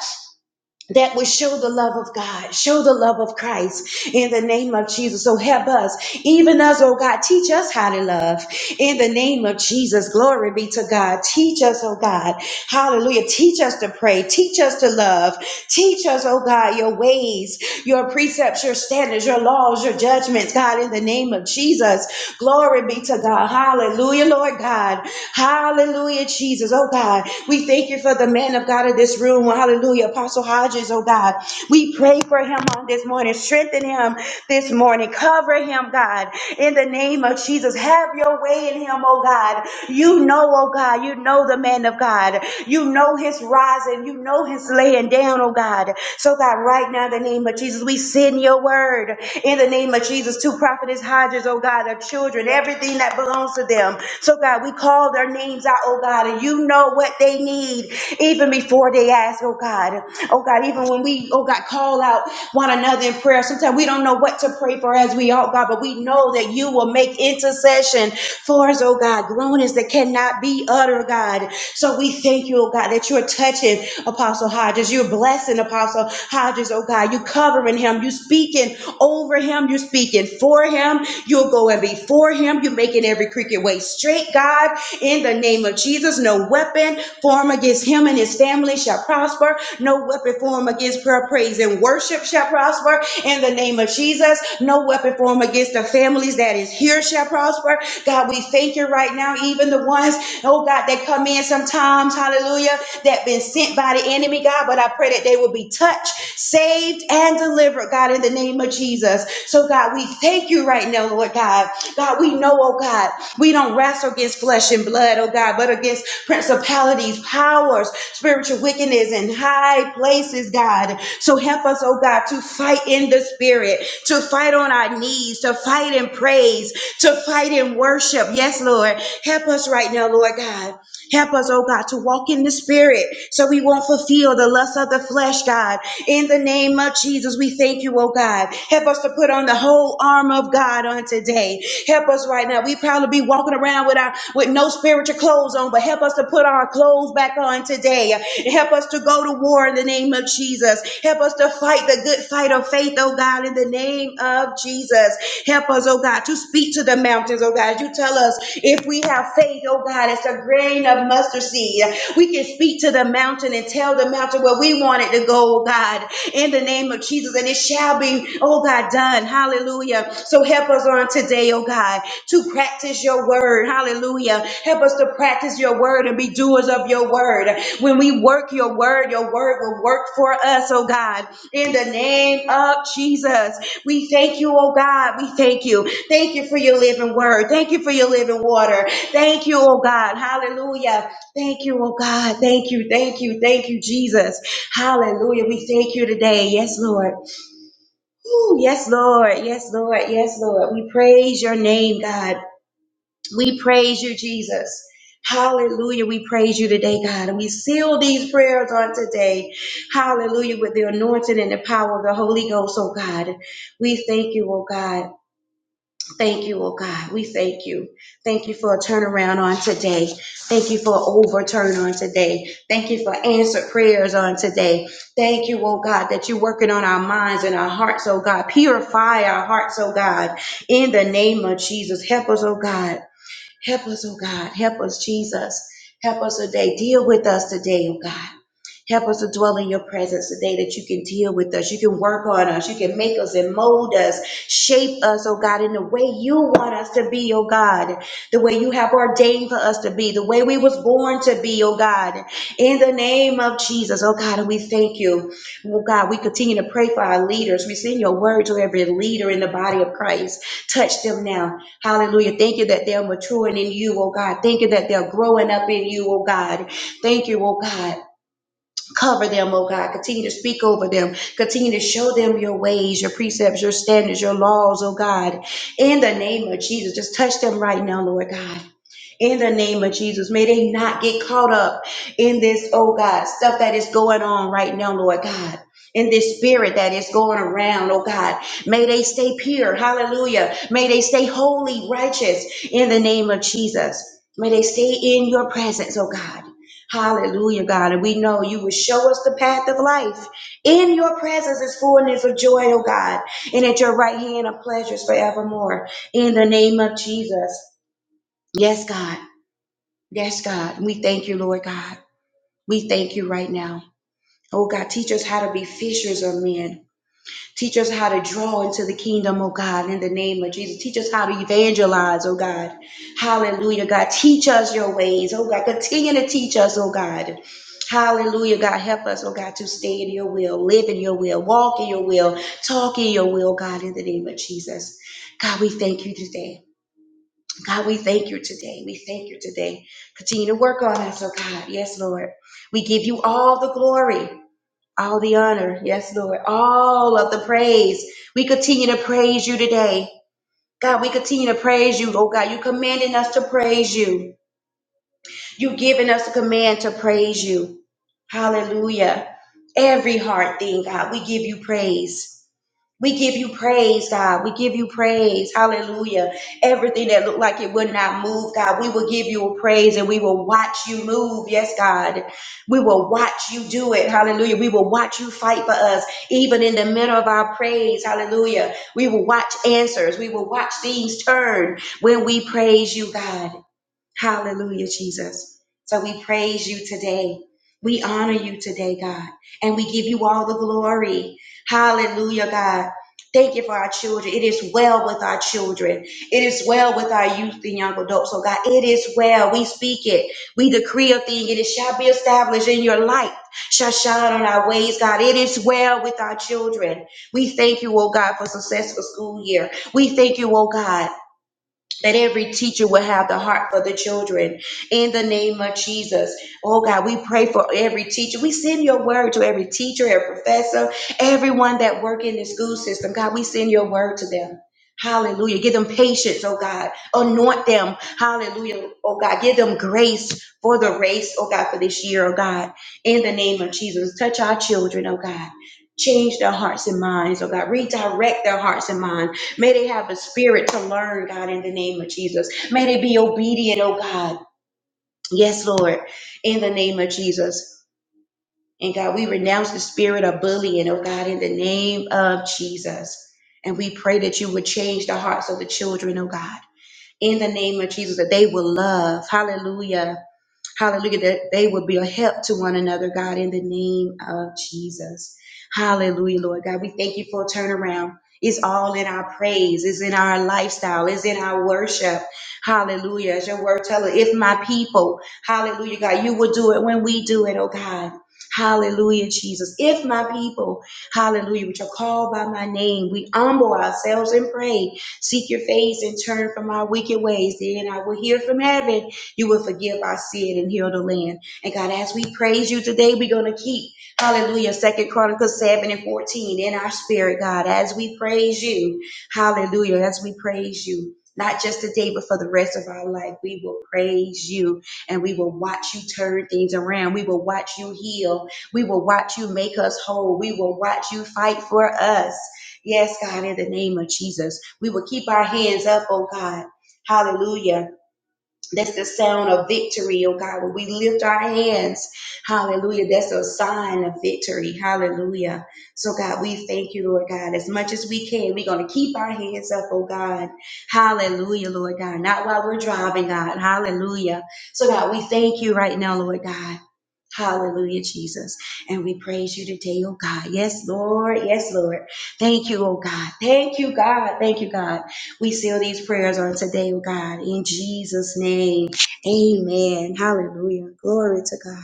[SPEAKER 4] that would show the love of God, show the love of Christ in the name of Jesus. So help us, even us, oh God, teach us how to love in the name of Jesus. Glory be to God. Teach us, oh God, hallelujah. Teach us to pray, teach us to love, teach us, oh God, your ways, your precepts, your standards, your laws, your judgments, God, in the name of Jesus. Glory be to God. Hallelujah, Lord God. Hallelujah, Jesus. Oh God, we thank you for the man of God in this room. Hallelujah, Apostle Hodges. Oh God, we pray for him on this morning. Strengthen him this morning. Cover him, God, in the name of Jesus. Have your way in him, oh God. You know, oh God, you know the man of God. You know his rising. You know his laying down, oh God. So God, right now, in the name of Jesus, we send you your word in the name of Jesus to Prophetess Hodges, oh God, their children, everything that belongs to them. So, God, we call their names out, oh God, and you know what they need even before they ask, oh God. Oh God, even when we, oh God, call out one another in prayer, sometimes we don't know what to pray for as we ought, God, but we know that you will make intercession for us, oh God, groanings that cannot be uttered, God. So we thank you, oh God, that you're touching Apostle. Apostle Hodges. You're blessing Apostle Hodges, oh God. You're covering him. You're speaking over him. You're speaking for him. You're going before him. You're making every crooked way straight, God. In the name of Jesus, no weapon formed against him and his family shall prosper. No weapon formed against prayer, praise, and worship shall prosper. In the name of Jesus, no weapon formed against the families that is here shall prosper. God, we thank you right now, even the ones, oh know, God, that come in sometimes, hallelujah, that been sent by the enemy, God, but I pray that they will be touched, saved, and delivered, God, in the name of Jesus. So, God, we thank you right now, Lord God. God, we know, oh God, we don't wrestle against flesh and blood, oh God, but against principalities, powers, spiritual wickedness in high places, God. So help us, oh God, to fight in the spirit, to fight on our knees, to fight in praise, to fight in worship. Yes, Lord. Help us right now, Lord God. Help us, oh God, to walk in the spirit so we won't fulfill the lust of the flesh, God. In the name of Jesus, we thank you, oh God. Help us to put on the whole armor of God on today. Help us right now. We probably be walking around with our with no spiritual clothes on, but help us to put our clothes back on today. Help us to go to war in the name of Jesus. Help us to fight the good fight of faith, oh God, in the name of Jesus. Help us, oh God, to speak to the to the mountains, oh God. You tell us if we have faith, oh God, it's a grain of mustard seed. We can speak to the mountain and tell the mountain where we want it to go, oh God, in the name of Jesus. And it shall be, oh God, done. Hallelujah. So help us on today, oh God to practice your word. Hallelujah. Help us to practice your word and be doers of your word. When we work your word, your word will work for us, oh God. In the name of Jesus, we thank you, oh God. We thank you. Thank you for your living word. Thank you for your living water. Thank you, oh God. Hallelujah. Thank you, oh God. Thank you. Thank you. Thank you, Jesus. Hallelujah. We thank you today. Yes, Lord. Ooh, yes, Lord. Yes, Lord. Yes, Lord. We praise your name, God. We praise you, Jesus. Hallelujah. We praise you today, God. And we seal these prayers on today. Hallelujah. With the anointing and the power of the Holy Ghost, oh God. We thank you, oh God. Thank you, oh God. We thank you. Thank you for a turnaround on today. Thank you for an overturn on today. Thank you for answered prayers on today. Thank you, oh God, that you're working on our minds and our hearts, oh God. Purify our hearts, oh God. In the name of Jesus, help us, oh God Help us, oh God. Help us, Jesus. Help us today. Deal with us today, oh God. Help us to dwell in your presence today that you can deal with us. You can work on us. You can make us and mold us, shape us, oh God, in the way you want us to be, oh God. The way you have ordained for us to be, the way we was born to be, oh God. In the name of Jesus, oh God, and we thank you. Oh God, we continue to pray for our leaders. We send your word to every leader in the body of Christ. Touch them now. Hallelujah. Thank you that they're maturing in you, oh God. Thank you that they're growing up in you, oh God. Thank you, oh God. Cover them, oh God. Continue to speak over them. Continue to show them your ways, your precepts, your standards, your laws, oh God. In the name of Jesus, just touch them right now, Lord God. In the name of Jesus, may they not get caught up in this, oh God, stuff that is going on right now, Lord God. In this spirit that is going around, oh God. May they stay pure. Hallelujah. May they stay holy, righteous in the name of Jesus. May they stay in your presence, oh God. Hallelujah, God. And we know you will show us the path of life. In your presence is fullness of joy, oh God. And at your right hand are pleasures forevermore. In the name of Jesus. Yes, God. Yes, God. We thank you, Lord God. We thank you right now. Oh God, teach us how to be fishers of men. Teach us how to draw into the kingdom, oh God, in the name of Jesus. Teach us how to evangelize, oh God. Hallelujah, God. Teach us your ways, oh God. Continue to teach us, oh God. Hallelujah, God. Help us, oh God, to stay in your will, live in your will, walk in your will, talk in your will, God, in the name of Jesus. God, we thank you today. God, we thank you today. We thank you today. Continue to work on us, oh God. Yes, Lord. We give you all the glory all the honor. Yes, Lord. All of the praise. We continue to praise you today. God, we continue to praise you. Oh God, you commanding us to praise you. You giving us a command to praise you. Hallelujah. Every hard thing, God, we give you praise. We give you praise, God. We give you praise. Hallelujah. Everything that looked like it would not move, God, we will give you a praise and we will watch you move. Yes, God. We will watch you do it. Hallelujah. We will watch you fight for us, even in the middle of our praise. Hallelujah. We will watch answers. We will watch things turn when we praise you, God. Hallelujah, Jesus. So we praise you today. We honor you today, God, and we give you all the glory. Hallelujah, God. Thank you for our children. It is well with our children. It is well with our youth and young adults. So, God, it is well. We speak it. We decree a thing, and it shall be established in your light, shall shine on our ways, God. It is well with our children. We thank you, oh God, for successful school year. We thank you, oh God that every teacher will have the heart for the children in the name of Jesus. Oh God, we pray for every teacher. We send your word to every teacher, every professor, everyone that work in the school system. God, we send your word to them. Hallelujah. Give them patience, oh God. Anoint them. Hallelujah. Oh God, give them grace for the race, oh God, for this year, oh God. In the name of Jesus, touch our children, oh God. Change their hearts and minds, oh God. Redirect their hearts and minds May they have a spirit to learn, God, in the name of Jesus. May they be obedient, oh God. Yes, Lord, in the name of Jesus. And God, we renounce the spirit of bullying, oh God, in the name of Jesus. And we pray that you would change the hearts of the children, oh God, in the name of Jesus, that they will love. Hallelujah Hallelujah. That they will be a help to one another, God, in the name of Jesus. Hallelujah, Lord God. We thank you for a turnaround. It's all in our praise. It's in our lifestyle. It's in our worship. Hallelujah. As your word tells, us, if my people, hallelujah, God, you will do it when we do it, oh God. Hallelujah, Jesus. If my people, hallelujah, which are called by my name, we humble ourselves and pray, seek your face and turn from our wicked ways, then I will hear from heaven you will forgive our sin and heal the land. And God, as we praise you today, we're going to keep, hallelujah, Second Chronicles 7 and 14 in our spirit, God, as we praise you. Hallelujah, as we praise you. Not just today, but for the rest of our life, we will praise you and we will watch you turn things around. We will watch you heal. We will watch you make us whole. We will watch you fight for us. Yes, God, in the name of Jesus, we will keep our hands up, oh God. Hallelujah that's the sound of victory, oh God. When we lift our hands, hallelujah, that's a sign of victory, hallelujah. So, God, we thank you, Lord God, as much as we can. We're going to keep our hands up, oh God, hallelujah, Lord God. Not while we're driving, God, hallelujah. So, God, we thank you right now, Lord God. Hallelujah, Jesus. And we praise you today, oh God. Yes, Lord. Yes, Lord. Thank you, oh God. Thank you, God. Thank you, God. We seal these prayers on today, oh God, in Jesus' name. Amen. Hallelujah. Glory to God.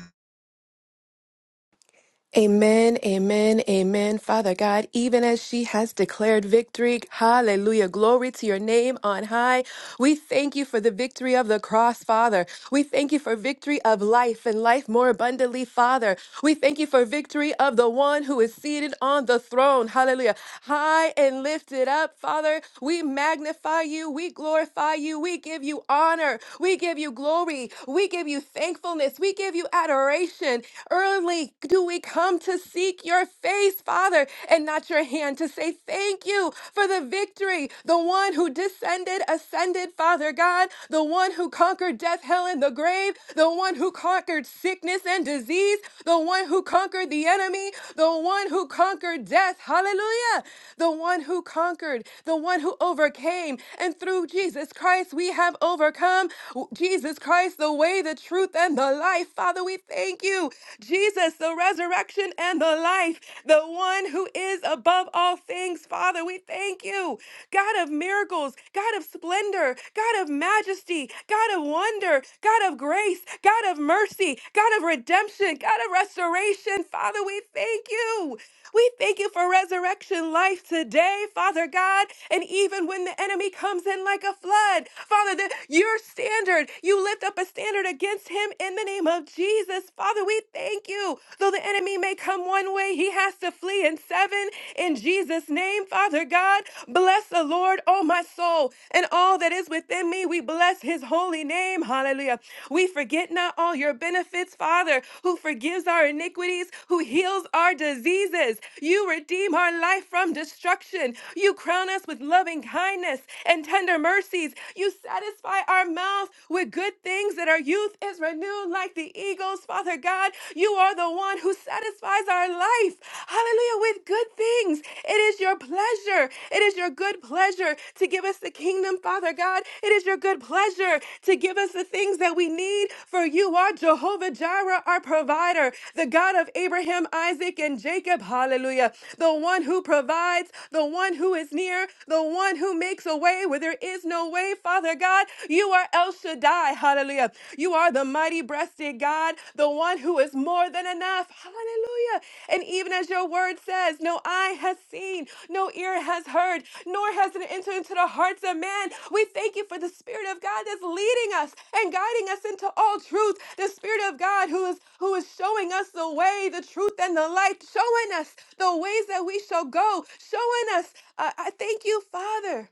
[SPEAKER 2] Amen, amen, amen. Father God, even as she has declared victory, hallelujah, glory to your name on high. We thank you for the victory of the cross, Father. We thank you for victory of life and life more abundantly, Father. We thank you for victory of the one who is seated on the throne. Hallelujah. High and lifted up, Father. We magnify you. We glorify you. We give you honor. We give you glory. We give you thankfulness. We give you adoration. Early do we come to seek your face, Father, and not your hand to say thank you for the victory. The one who descended, ascended, Father God. The one who conquered death, hell, hell and the grave, the one who conquered sickness and disease, the one who conquered the enemy, the one who conquered death. Hallelujah. The one who conquered, the one who overcame. And through Jesus Christ, we have overcome. Jesus Christ, the way, the truth, and the life. Father, we thank you. Jesus, the resurrection and the life, the one who is above all things. Father, we thank you. God of miracles miracles, God of splendor, God of majesty, God of wonder, God of grace, God of mercy, God of redemption, God of restoration. Father, we thank you. We thank you for resurrection life today, Father God. And even when the enemy comes in like a flood, Father, that your standard, you lift up a standard against him in the name of Jesus. Father, we thank you. Though the enemy may come one way, he has to flee in seven heaven in Jesus' name. Father God, bless the Lord, oh my soul, and all that is within me. We bless his holy name. Hallelujah. We forget not all your benefits, Father, who forgives our iniquities, who heals our diseases. You redeem our life from destruction. You crown us with loving kindness and tender mercies. You satisfy our mouth with good things that our youth is renewed like the eagles, Father God. You are the one who satisfies our life. Hallelujah. With good things. It is your pleasure. It is your good pleasure to give us the kingdom, Father God. It is your good pleasure to give us the things that we need, for you are Jehovah Jireh, our provider, the God of Abraham, Isaac, and Jacob. Hallelujah. The one who provides, the one who is near, the one who makes a way where there is no way, Father God. You are El Shaddai high. Hallelujah. You are the mighty breasted God, the one who is more than enough. Hallelujah. And even as your word says, no eye has seen, no ear has heard, nor has it entered into the hearts of man. We thank you for the Spirit of God that's leading us and guiding us into all truth. The Spirit of God who is who is showing us the way, the truth, and the light, showing us the ways that we shall go, showing us. Uh, I thank you, Father.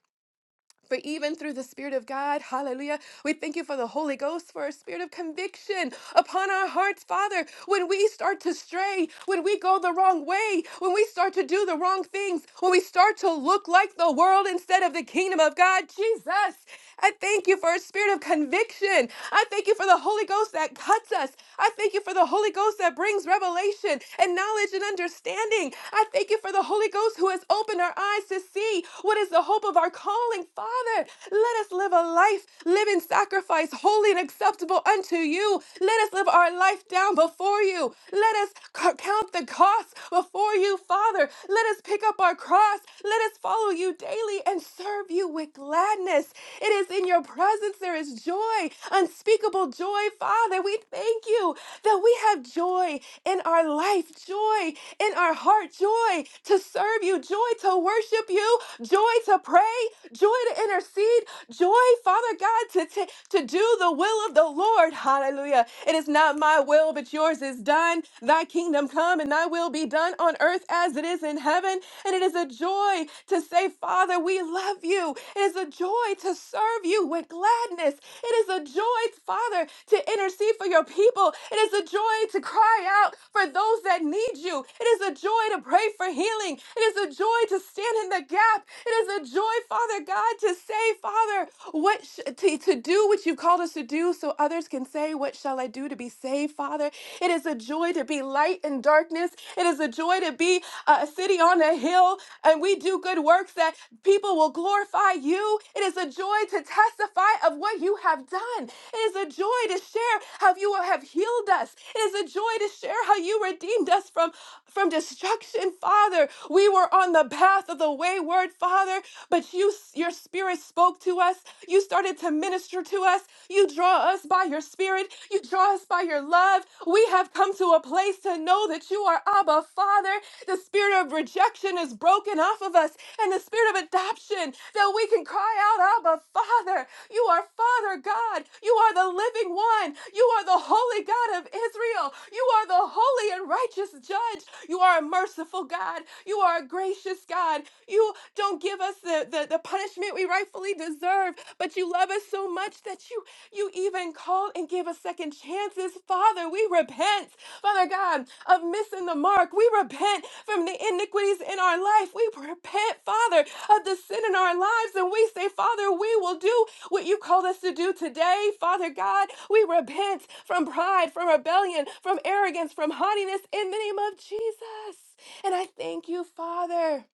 [SPEAKER 2] For even through the Spirit of God, hallelujah, we thank you for the Holy Ghost, for a spirit of conviction upon our hearts, Father. When we start to stray, when we go the wrong way, when we start to do the wrong things, when we start to look like the world instead of the kingdom of God, Jesus, I thank you for a spirit of conviction. I thank you for the Holy Ghost that cuts us. I thank you for the Holy Ghost that brings revelation and knowledge and understanding. I thank you for the Holy Ghost who has opened our eyes to see what is the hope of our calling. Father, let us live a life, live in sacrifice, holy and acceptable unto you. Let us live our life down before you. Let us c- count the cost before you, Father. Let us pick up our cross. Let us let us follow you daily and serve you with gladness. It is in your presence there is joy, unspeakable joy, Father. We thank you that we have joy in our life, joy in our heart, joy to serve you, joy to worship you, joy to pray, joy to intercede, joy, Father God, to, ta- to do the will of the Lord. Hallelujah. It is not my will, but yours is done. Thy kingdom come and thy will will be done on earth as it is in heaven. And it is a joy to say, Father, we love you. It is a joy to serve you with gladness. It is a joy, Father, to intercede for your people. It is a joy to cry out for those that need you. It is a joy to pray for healing. It is a joy to stand in the gap. It is a joy, Father God, to say, Father, what sh- to, to do what you called us to do so others can say, What shall I do to be be saved, Father. It is a joy to be light in darkness. It is a joy to be a city on a hill, and we do good works that people will glorify you. It is a joy to testify of what you have done. It is a joy to share how you have healed us. It is a joy to share how you redeemed us from, from destruction, Father. We were on the path of the wayward, Father, but you your spirit spoke to us. You started to minister to us. You draw us by your spirit. You draw us by your love. We have come to a place to know that you are Abba Father. The spirit of rejection is broken off of us and the spirit of adoption that we can cry out, Abba Father. You are Father God. You are the living one. You are the holy God of Israel. You are the holy and righteous judge. You are a merciful God. You are a gracious God. You don't give give us the, the, the punishment we rightfully deserve, but you love us so much that you you even called and gave us second chances. Father, we repent, Father God, of missing the mark. We repent from the iniquities in our life. We repent, Father, of the sin in our lives. And we say, Father, we will do what you called us to do today. Father God, we repent from pride, from rebellion, from arrogance, from haughtiness in the name of Jesus. And I thank you, Father.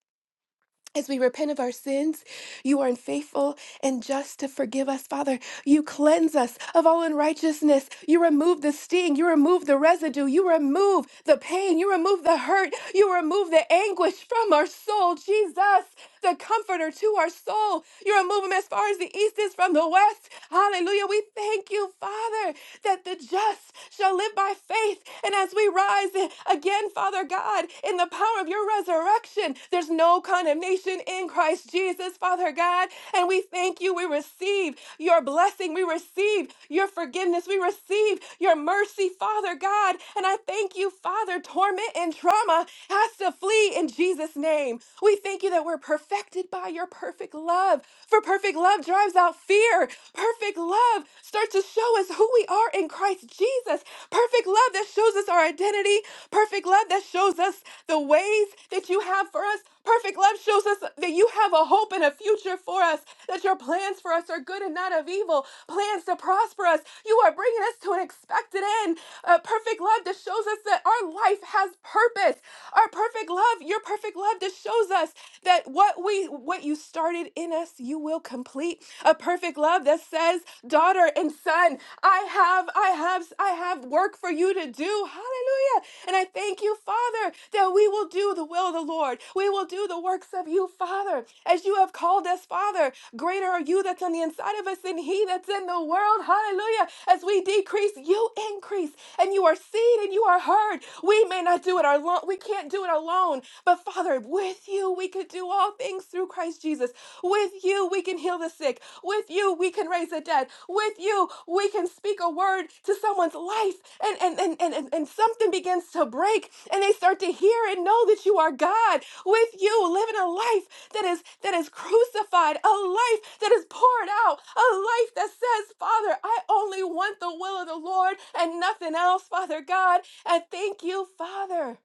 [SPEAKER 2] As we repent of our sins, you are faithful and just to forgive us, Father. You cleanse us of all unrighteousness. You remove the sting. You remove the residue. You remove the pain. You remove the hurt. You remove the anguish from our soul, Jesus the comforter to our soul. You're removing him as far as the east is from the west. Hallelujah. We thank you, Father, that the just shall live by faith. And as we rise again, Father God, in the power of your resurrection, there's no condemnation in Christ Jesus, Father God. And we thank you. We receive your blessing. We receive your forgiveness. We receive your mercy, Father God. And I thank you, Father. Torment and trauma has to flee in Jesus' name name. We thank you that we're perfected by your perfect love. For perfect love drives out fear. Perfect love starts to show us who we are in Christ Jesus. Perfect love that shows us our identity. Perfect love that shows us the ways that you have for us. Perfect love shows us that you have a hope and a future for us, that your plans for us are good and not of evil, plans to prosper us. You are bringing us to an expected end. A perfect love that shows us that our life has purpose. Our perfect love, your perfect love that shows us that what we what you started in us, you will complete. A perfect love that says, "Daughter and son, I have, I have." jobs. I have work for you to do. Hallelujah. And I thank you, Father, that we will do the will of the Lord. We will do the works of you, Father, as you have called us, Father. Greater are you that's on the inside of us than he that's in the world. Hallelujah. As we decrease, you increase, and you are seen and you are heard. We may not do it alone. We can't do it alone. But Father, with you, we could do all things through Christ Christ Jesus. With you, we can heal the sick. With you, we can raise the dead. With you, we can speak a word to someone's life and, and, and, and, and, and something begins to break and they start to hear and know that you are God. With you, living a life that is that is crucified, a life that is poured out, a life that says, Father, I only want the will of the Lord and nothing else, Father God. And thank you, Father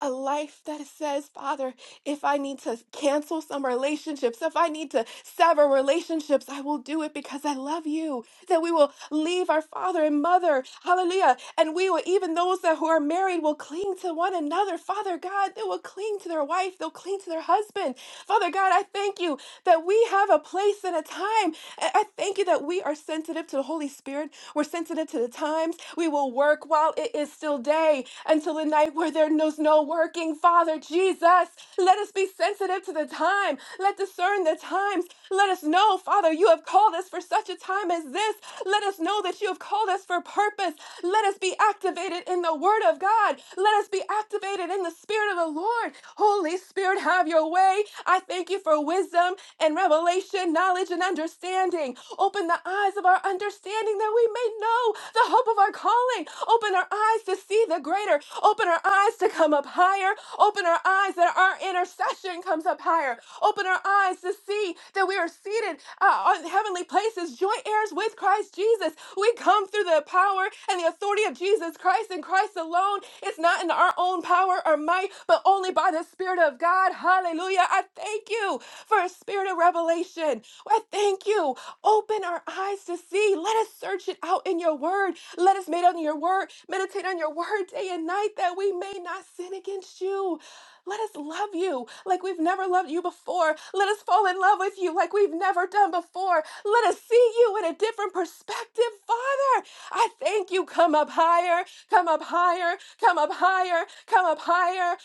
[SPEAKER 2] a life that says, Father, if I need to cancel some relationships, if I need to sever relationships, I will do it because I love you. That we will leave our father and mother, hallelujah, and we will, even those that who are married, will cling to one another. Father God, they will cling to their wife, they'll cling to their husband. Father God, I thank you that we have a place and a time I I thank you that we are sensitive to the Holy Spirit. We're sensitive to the times. We will work while it is still day until the night where there knows no working. Father Jesus, let us be sensitive to the time. Let discern the times. Let us know, Father, you have called us for such a time as this. Let us know that you have called us for purpose. Let us be activated in the Word of God. Let us be activated in the Spirit of the Lord. Holy Spirit, have your way. I thank you for wisdom and and revelation, knowledge and understanding. Open the eyes of our understanding that we may know the hope of our calling. Open our eyes to see the greater. Open our eyes to come up higher. Open our eyes that our intercession comes up higher. Open our eyes to see that we are seated uh, on heavenly places, joint heirs with Christ Jesus. We come through the power and the authority of Jesus Christ and Christ alone. It's not in our own power or might, but only by the Spirit of God. Hallelujah. Hallelujah. I thank you for a spirit of revelation. I thank you. Open our eyes to see. Let us search it out in your word. Let us meditate on your word, meditate on your word day and night that we may not sin against you. Let us love you like we've never loved you before. Let us fall in love with you like we've never done before. Let us see you in a different perspective, Father. I thank you. Come up higher, come up higher, come up higher, come up higher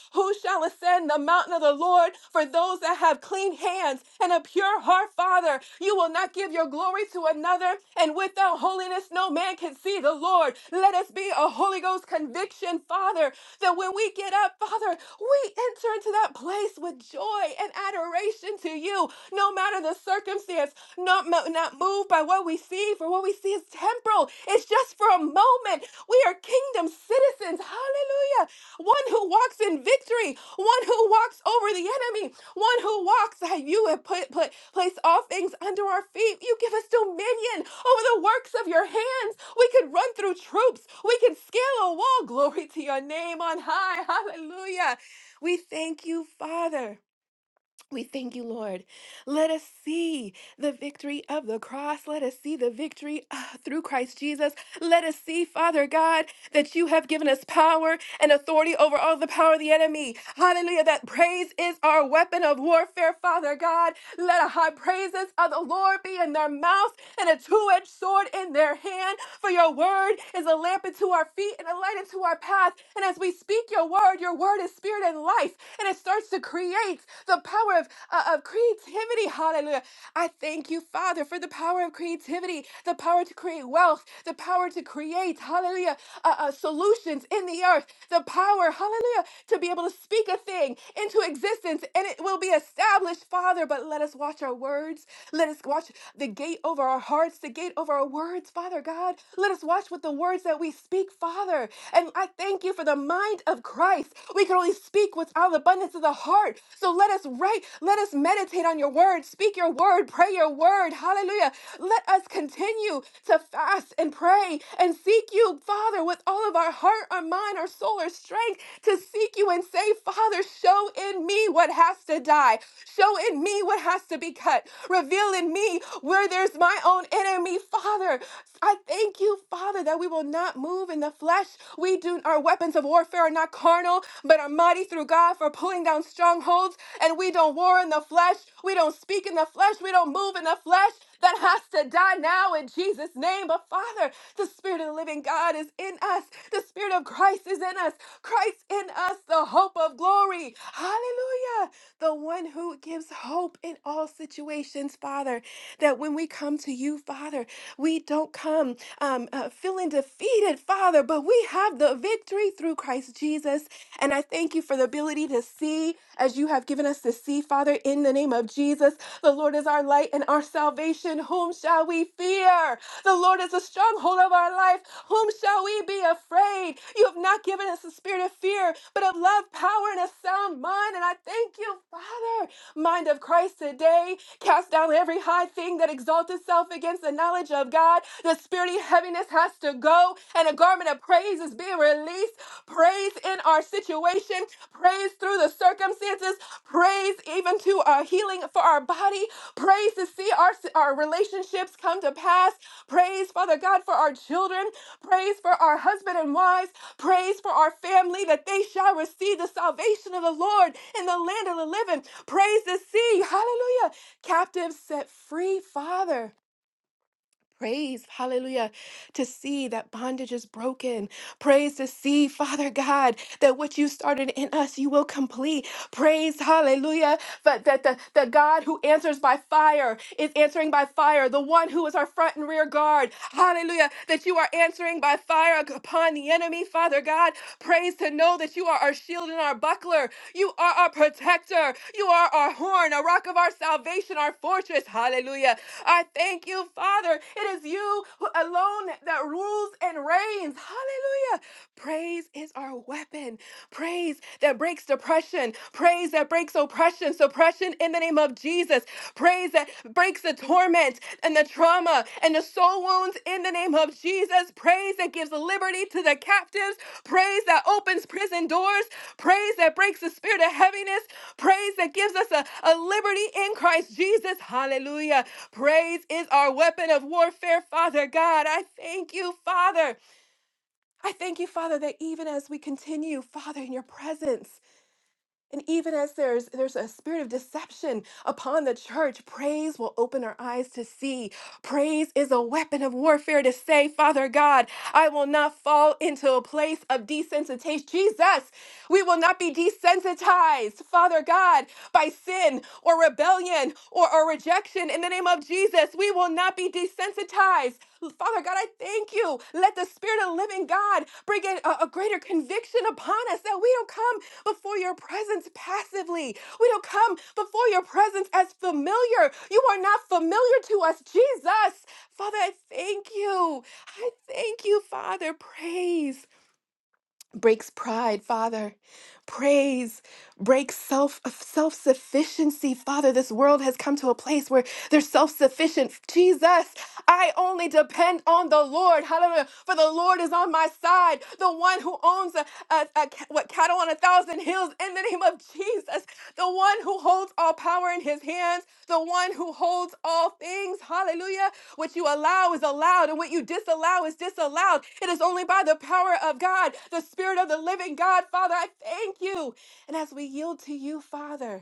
[SPEAKER 2] shall ascend the mountain of the Lord for those that have clean hands and a pure heart, Father. You will not give your glory to another, and without holiness, no man can see the Lord. Let us be a Holy Ghost conviction, Father, that when we get up, Father, we enter into that place with joy and adoration to you, no matter the circumstance, not, mo- not moved by what we see, for what we see is temporal. It's just for a moment. We are kingdom citizens. Hallelujah one who walks in victory, one who walks over the enemy, one who walks that you have put, put place all things under our feet. You give us dominion over the works of your hands. We can run through troops. We can scale a wall. Glory to your name on high. Hallelujah. We thank you, Father. We thank you, Lord. Let us see the victory of the cross. Let us see the victory ah, through Christ Jesus. Let us see, Father God, that you have given us power and authority over all the power of the enemy. Hallelujah. That praise is our weapon of warfare, Father God. Let a high praises of the Lord be in their mouth and a two-edged sword in their hand. For your word is a lamp unto our feet and a light unto our path. And as we speak your word, your word is spirit and life. And it starts to create the power of uh, of creativity. Hallelujah. I thank you, Father, for the power of creativity, the power to create wealth, the power to create, hallelujah, uh, uh, solutions in the earth, the power, hallelujah, to be able to speak a thing into existence and it will be established, Father. But let us watch our words. Let us watch the gate over our hearts, the gate over our words, Father God. Let us watch with the words that we speak, Father. And I thank you for the mind of Christ. We can only speak what's out of the abundance abundance of the heart. So let us write, let us meditate on your word, speak your word, pray your word. Hallelujah. Let us continue to fast and pray and seek you, Father, with all of our heart, our mind, our soul, our strength, to seek you and say, Father, show in me what has to die. Show in me what has to be cut. Reveal in me where there's my own enemy, Father. I thank you, Father, that we will not move in the flesh. We do our weapons of warfare are not not carnal, but are mighty through God for pulling down strongholds. And we don't war in the flesh. We don't speak in the flesh. We don't move in the flesh. That has to die now in Jesus' name. But Father, the Spirit of the living God is in us. The Spirit of Christ is in us. Christ in us, the hope of glory. Hallelujah. The one who gives hope in all situations, Father. That when we come to you, Father, we don't come um, uh, feeling defeated, Father, Father, but we have the victory through Christ Jesus. And I thank you for the ability to see as you have given us to see, Father, in the name of Jesus. The Lord is our light and our salvation. Whom shall we fear? The Lord is the stronghold of our life. Whom shall we be afraid? You have not given us a spirit of fear, but of love, power, and a sound mind. And I thank you, Father, mind of Christ today. Cast down every high thing that exalts itself against the knowledge of God. The spirit early heaviness has to go and a garment of praise is being released. Praise in our situation, praise through the circumstances, praise even to our healing for our body, praise to see our, our relationships come to pass, praise, Father God, for our children, praise for our husband and wives, praise for our family that they shall receive the salvation of the Lord in the land of the living, praise to see, hallelujah, captives set free, Father. Praise, hallelujah, to see that bondage is broken. Praise to see, Father God, that what you started in us, you will complete. Praise, hallelujah, but that the, the God who answers by fire is answering by fire. The one who is our front and rear guard, hallelujah, that you are answering by fire upon the enemy, Father God. Praise to know that you are our shield and our buckler. You are our protector. You are our horn, a rock of our salvation, our fortress. Hallelujah. I thank you, Father. It is you who alone that rules and reigns. Hallelujah. Praise is our weapon. Praise that breaks depression. Praise that breaks oppression, suppression in the name of Jesus. Praise that breaks the torment and the trauma and the soul wounds in the name of Jesus. Praise that gives liberty to the captives. Praise that opens prison doors. Praise that breaks the spirit of heaviness. Praise that gives us a, a liberty in Christ Jesus. Hallelujah. Praise is our weapon of warfare, Father God. I thank you, Father. I thank you, Father, that even as we continue, Father, in your presence. And even as there's there's a spirit of deception upon the church, praise will open our eyes to see. Praise is a weapon of warfare to say, Father God, I will not fall into a place of desensitization. Jesus, we will not be desensitized, Father God, by sin or rebellion or, or rejection. In the name of Jesus, we will not be desensitized. Father God, I thank you. Let the Spirit of the living God bring in a, a greater conviction upon us that we don't come before your presence passively. We don't come before your presence as familiar. You are not familiar to us, Jesus. Father, I thank you. I thank you, Father. Praise breaks pride, Father. Praise breaks self self sufficiency, Father. This world has come to a place where they're self sufficient. Jesus, I only depend on the Lord. Hallelujah! For the Lord is on my side, the one who owns a, a, a ca- what cattle on a thousand hills. In the name of Jesus, the one who holds all power in His hands, the one who holds all things. Hallelujah! What you allow is allowed, and what you disallow is disallowed. It is only by the power of God, the Spirit of the living God. Father, I thank you. And as we yield to you, Father,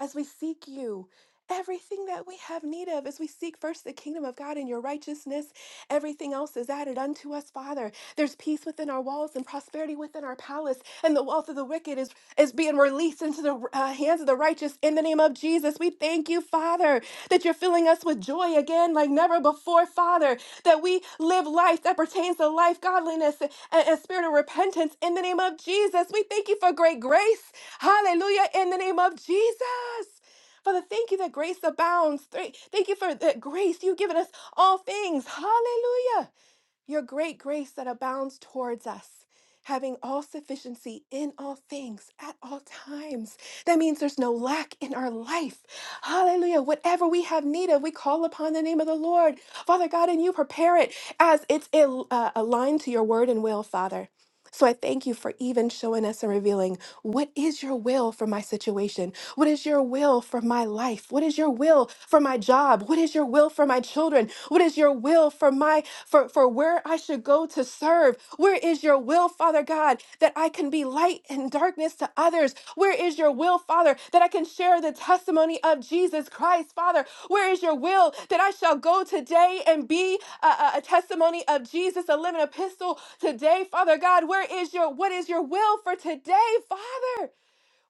[SPEAKER 2] as we seek you. Everything that we have need of as we seek first the kingdom of God and your righteousness, everything else is added unto us, Father. There's peace within our walls and prosperity within our palace, and the wealth of the wicked is, is being released into the uh, hands of the righteous in the name of Jesus. We thank you, Father, that you're filling us with joy again like never before, Father, that we live life that pertains to life, godliness, and, and spirit of repentance in the name of Jesus. We thank you for great grace. Hallelujah, in the name of Jesus. Father, thank you that grace abounds. Thank thank you for that grace you've given us all things. Hallelujah. Your great grace that abounds towards us, having all sufficiency in all things at all times. That means there's no lack in our life. Hallelujah. Whatever we have need of, we call upon the name of the Lord. Father God, and you prepare it as it's al- uh, aligned to your word and will, Father. So I thank you for even showing us and revealing what is your will for my situation? What is your will for my life? What is your will for my job? What is your will for my children? What is your will for my for for where I should go to serve? Where is your will, Father God, that I can be be light and darkness to others? Where is your will, Father, that I can share the testimony of Jesus Christ, Father? Where is your will that I shall go today and be a, a- a testimony of Jesus, a living epistle today, Father God? Where is your what is your will for today, Father?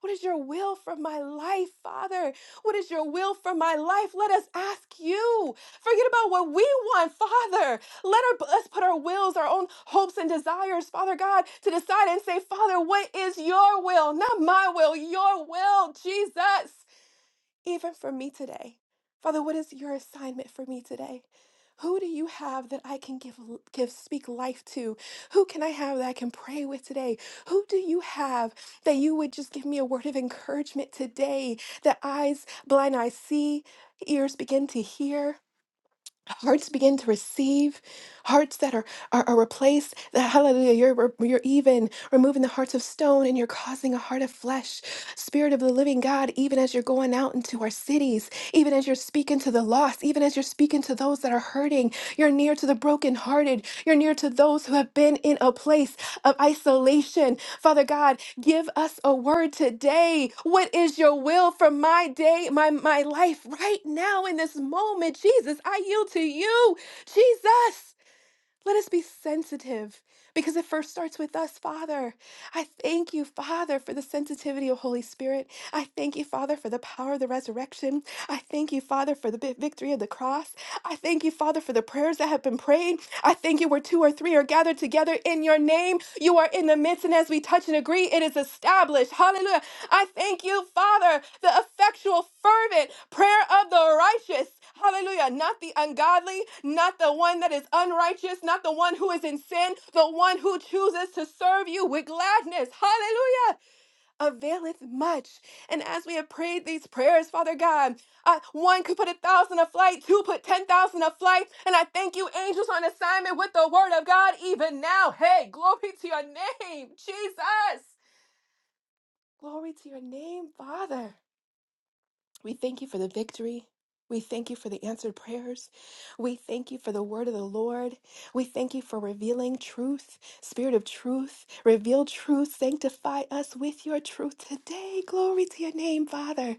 [SPEAKER 2] What is your will for my life, Father? What is your will for my life? Let us ask you. Forget about what we want, Father. Let our, us put our wills, our own hopes and desires, Father God, to decide and say, Father, what is your will? Not my will, your will, Jesus even for me today. Father, what is your assignment for me today? Who do you have that I can give give speak life to? Who can I have that I can pray with today? Who do you have that you would just give me a word of encouragement today? That eyes blind eyes see, ears begin to hear, Hearts begin to receive, hearts that are, are, are replaced. That hallelujah, you're, re- you're even removing the hearts of stone and you're causing a heart of flesh. Spirit of the living God, even as you're going out into our cities, even as you're speaking to the lost, even as you're speaking to those that are hurting, you're near to the brokenhearted, you're near to those who have been in a place of isolation Father God, give us a word today. What is your will for my day, my, my life right now in this moment? Jesus, I yield to you. Jesus. Let us be sensitive because it first starts with us, Father. I thank you, Father, for the sensitivity of Holy Spirit. I thank you, Father, for the power of the resurrection. I thank you, Father, for the vi- victory of the cross. I thank you, Father, for the prayers that have been prayed. I thank you where two or three are gathered together in your name. You are in the midst, and as we touch and agree, it is established. Hallelujah. I thank you, Father, the effectual, fervent prayer of the righteous. Hallelujah. Not the ungodly, not the one that is unrighteous, not the one who is in sin, the one who chooses to serve you with gladness. Hallelujah. Availeth much. And as we have prayed these prayers, Father God, uh, one could put a thousand a flight, two put 10,000 a flight. And I thank you, angels on assignment with the word of God, even now. Hey, glory to your name, Jesus. Glory to your name, Father. We thank you for the victory. We thank you for the answered prayers. We thank you for the word of the Lord. We thank you for revealing truth, spirit of truth. Reveal truth. Sanctify us with your truth today. Glory to your name, Father.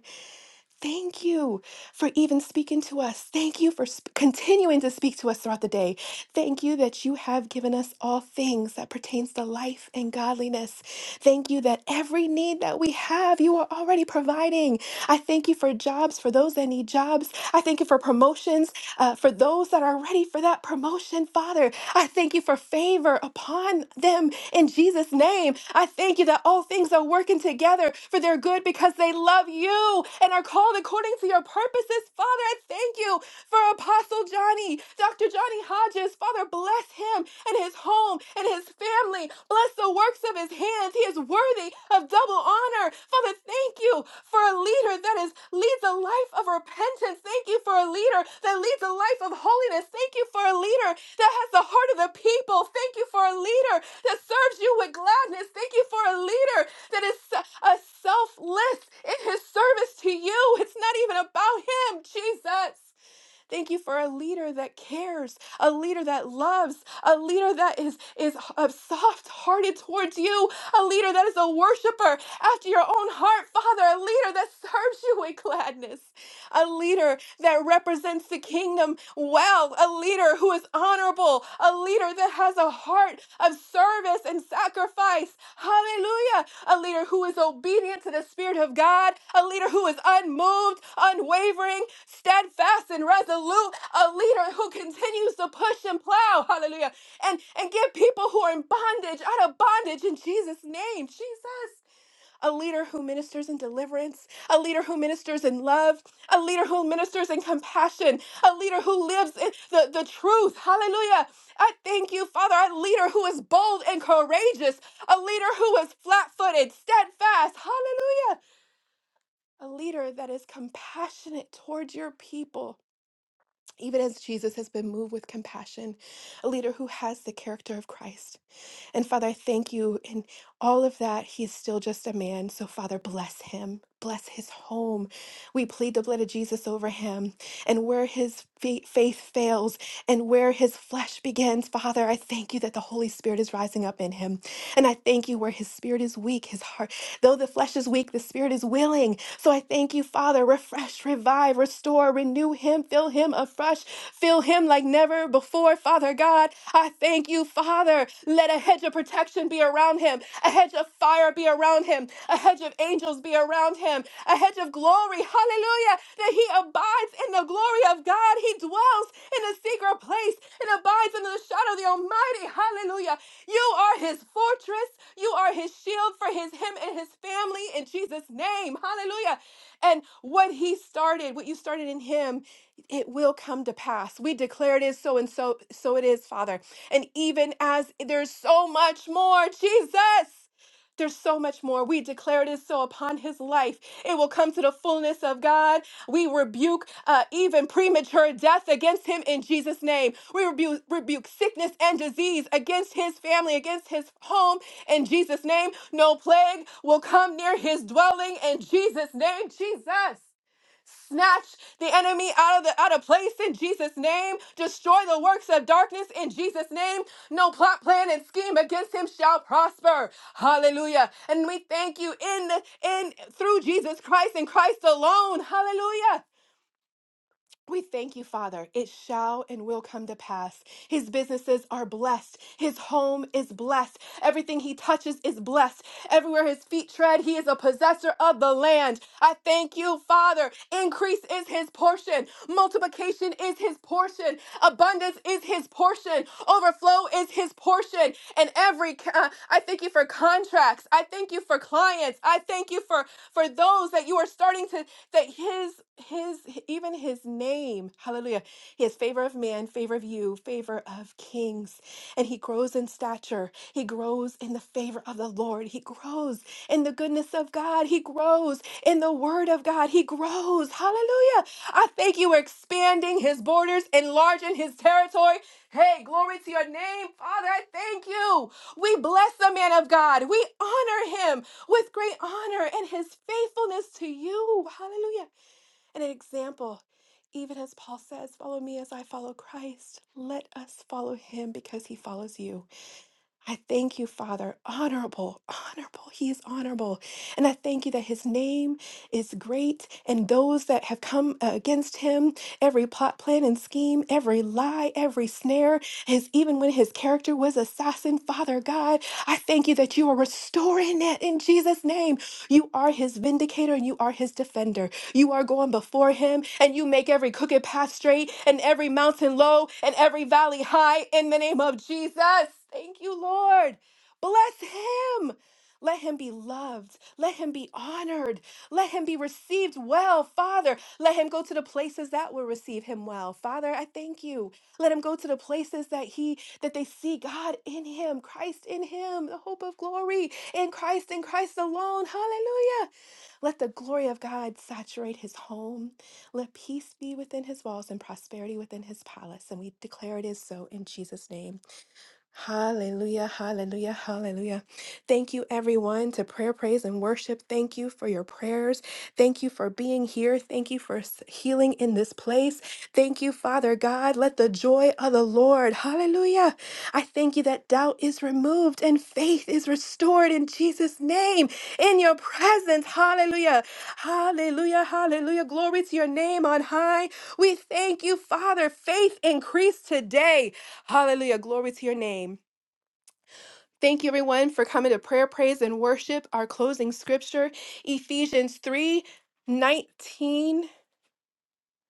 [SPEAKER 2] Thank you for even speaking to us. Thank you for sp- continuing to speak to us throughout the day. Thank you that you have given us all things that pertains to life and godliness. Thank you that every need that we have, you are already providing. I thank you for jobs for those that need jobs. I thank you for promotions uh, for those that are ready for that promotion, Father. I thank you for favor upon them in Jesus' name. I thank you that all things are working together for their good because they love you and are called according to your purposes, Father. I thank you for Apostle Johnny. Johnny, Dr. Johnny Hodges. Father, bless him and his home and his family. Bless the works of his hands. He is worthy of double honor. Father, thank you for a leader that is leads a life of repentance. Thank you for a leader that leads a life of holiness. Thank you for a leader that has the heart of the people. Thank you for a leader that serves you with gladness. Thank you for a leader that is se- a selfless in his service to you. It's not even about him, Jesus. Thank you for a leader that cares, a leader that loves, a leader that is is soft hearted towards you, a leader that is a worshiper after your own heart, Father, a leader that serves you with gladness a leader that represents the kingdom well, a leader who is honorable, a leader that has a heart of service and sacrifice. Hallelujah. A leader who is obedient to the Spirit of God, a leader who is unmoved, unwavering, steadfast, and resolute, a leader who continues to push and plow. Hallelujah. And, and get people who are in bondage out of bondage in Jesus' name. Jesus a leader who ministers in deliverance, a leader who ministers in love, a leader who ministers in compassion, a leader who lives in the, the truth. Hallelujah. I thank you, Father, a leader who is bold and courageous, a leader who is flat footed, steadfast. Hallelujah. A leader that is compassionate towards your people, even as Jesus has been moved with compassion, a leader who has the character of Christ. And Father, I thank you in all of that. He's still just a man. So, Father, bless him. Bless his home. We plead the blood of Jesus over him. And where his fa- faith fails and where his flesh begins, Father, I thank you that the Holy Spirit is rising up in him. And I thank you where his spirit is weak, his heart, though the flesh is weak, the spirit is willing. So I thank you, Father. Refresh, revive, restore, renew him, fill him afresh, fill him like never before, Father God. I thank you, Father. Let a hedge of protection be around him, a hedge of fire be around him, a hedge of angels be around him, a hedge of glory, hallelujah, that he abides in the glory of God. He dwells in the secret place and abides under the shadow of the Almighty, hallelujah. You are his fortress, you are his shield for his him and his family in Jesus' name, hallelujah. And what he started, what you started in him, it will come to pass. We declare it is so and so, so it is, Father. And even as there's so much more, Jesus. There's so much more. We declare it is so upon his life. It will come to the fullness of God. We rebuke uh, even premature death against him in Jesus' name. We rebuke, rebuke sickness and disease against his family, against his home in Jesus' name. No plague will come near his dwelling in Jesus' name. Jesus. Snatch the enemy out of the out of place in Jesus' name. Destroy the works of darkness in Jesus' name. No plot, plan, and scheme against him shall prosper. Hallelujah. And we thank you in the in through Jesus Christ and Christ alone. Hallelujah. We thank you, Father. It shall and will come to pass. His businesses are blessed. His home is blessed. Everything he touches is blessed. Everywhere his feet tread, he is a possessor of the land. I thank you, Father. Increase is his portion. Multiplication is his portion. Abundance is his portion. Overflow is his portion. And every, uh, I thank you for contracts. I thank you for clients. I thank you for for those that you are starting to that his his even his name hallelujah he has favor of man favor of you favor of kings and he grows in stature he grows in the favor of the lord he grows in the goodness of god he grows in the word of god he grows hallelujah i thank you we're expanding his borders enlarging his territory Hey, glory to your name, Father. I thank you. We bless the man of God. We honor him with great honor and his faithfulness to you. Hallelujah. And an example, even as Paul says, follow me as I follow Christ. Let us follow him because he follows you. I thank you, Father, honorable, honorable. He is honorable. And I thank you that his name is great, and those that have come uh, against him, every plot, plan, and scheme, every lie, every snare, his, even when his character was assassin, Father God, I thank you that you are restoring it in Jesus' name. You are his vindicator and you are his defender. You are going before him and you make every crooked path straight and every mountain low and every valley high in the name of Jesus. Thank you, Lord. Bless him. Let him be loved. Let him be honored. Let him be received well, Father. Let him go to the places that will receive him well. Father, I thank you. Let him go to the places that he that they see God in him, Christ in him, the hope of glory in Christ in Christ alone. Hallelujah. Let the glory of God saturate his home. Let peace be within his walls and prosperity within his palace. And we declare it is so in Jesus' name. Hallelujah, hallelujah, hallelujah. Thank you, everyone, to prayer, praise, and worship. Thank you for your prayers. Thank you for being here. Thank you for s- healing in this place. Thank you, Father God. Let the joy of the Lord, hallelujah. I thank you that doubt is removed and faith is restored in Jesus' name, in your presence, hallelujah, hallelujah, hallelujah. Glory to your name on high. We thank you, Father. Faith increased today. Hallelujah. Glory to your name. Thank you, everyone, for coming to prayer, praise, and worship. Our closing scripture, Ephesians 3 19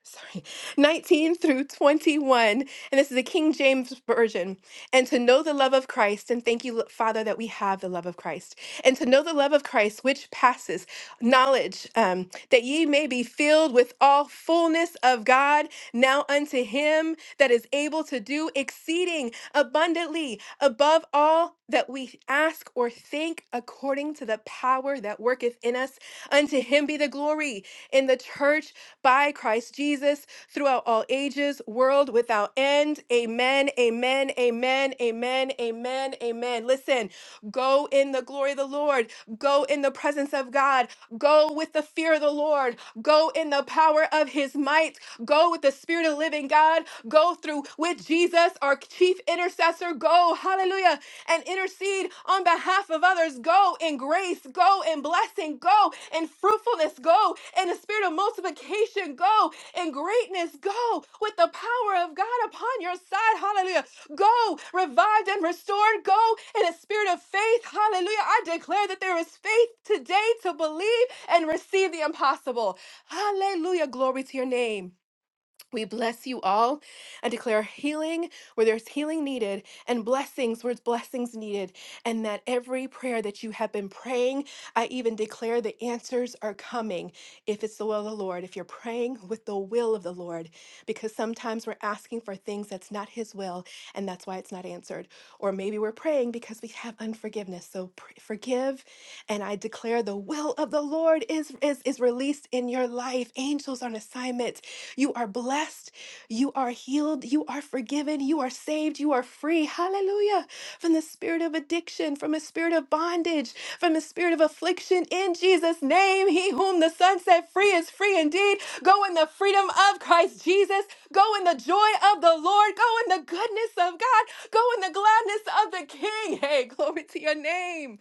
[SPEAKER 2] sorry, 19 through 21. And this is the King James Version. And to know the love of Christ, and thank you, Father, that we have the love of Christ. And to know the love of Christ, which passes knowledge, um, that ye may be filled with all fullness of God, now unto him that is able to do exceeding abundantly above all that we ask or think according to the power that worketh in us. Unto him be the glory in the church by Christ Jesus throughout all ages, world without end. Amen, amen, amen, amen, amen, amen. Listen, go in the glory of the Lord, go in the presence of God, go with the fear of the Lord, go in the power of his might, go with the spirit of the living God, go through with Jesus, our chief intercessor. Go, hallelujah and intercede on behalf of others. Go in grace, go in blessing, go in fruitfulness, go in the spirit of multiplication, go in greatness, go with the power of God upon your side. Hallelujah. Go revived and restored, go in a spirit of faith. Hallelujah. I declare that there is faith today to believe and receive the impossible. Hallelujah. Glory to your name. We bless you all and declare healing where there's healing needed and blessings where it's blessings needed. And that every prayer that you have been praying, I even declare the answers are coming if it's the will of the Lord, if you're praying with the will of the Lord, because sometimes we're asking for things that's not His will and that's why it's not answered. Or maybe we're praying because we have unforgiveness. So pr- forgive, and I declare the will of the Lord is, is, is released in your life. Angels on assignment. You are blessed. You are healed. You are forgiven. You are saved. You are free. Hallelujah. From the spirit of addiction, from a spirit of bondage, from a spirit of affliction. In Jesus' name, he whom the Son set free is free indeed. Go in the freedom of Christ Jesus. Go in the joy of the Lord. Go in the goodness of God. Go in the gladness of the King. Hey, glory to your name.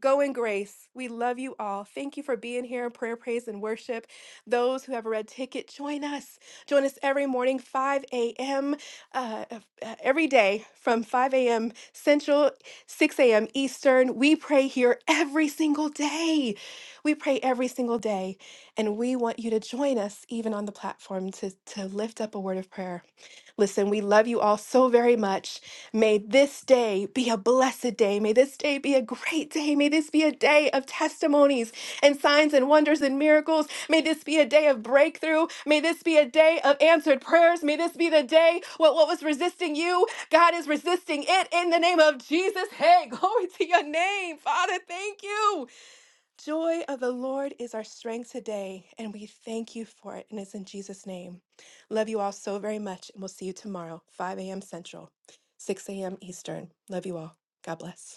[SPEAKER 2] Go in grace. We love you all. Thank you for being here in prayer, praise, and worship. Those who have a red ticket, join us. Join us every morning, 5 a.m. Uh, uh, every day from 5 a.m. Central, 6 a.m. Eastern. We pray here every single day. We pray every single day. And we want you to join us even on the platform to, to lift up a word of prayer Listen, we love you all so very much. May this day be a blessed day. May this day be a great day. May this be a day of testimonies and signs and wonders and miracles. May this be a day of breakthrough. May this be a day of answered prayers. May this be the day what, what was resisting you, God is resisting it in the name of Jesus. Hey, glory to your name, Father. Thank you. Joy of the Lord is our strength today, and we thank you for it. And it's in Jesus' name. Love you all so very much, and we'll see you tomorrow, 5 a.m. Central, 6 a.m. Eastern. Love you all. God bless.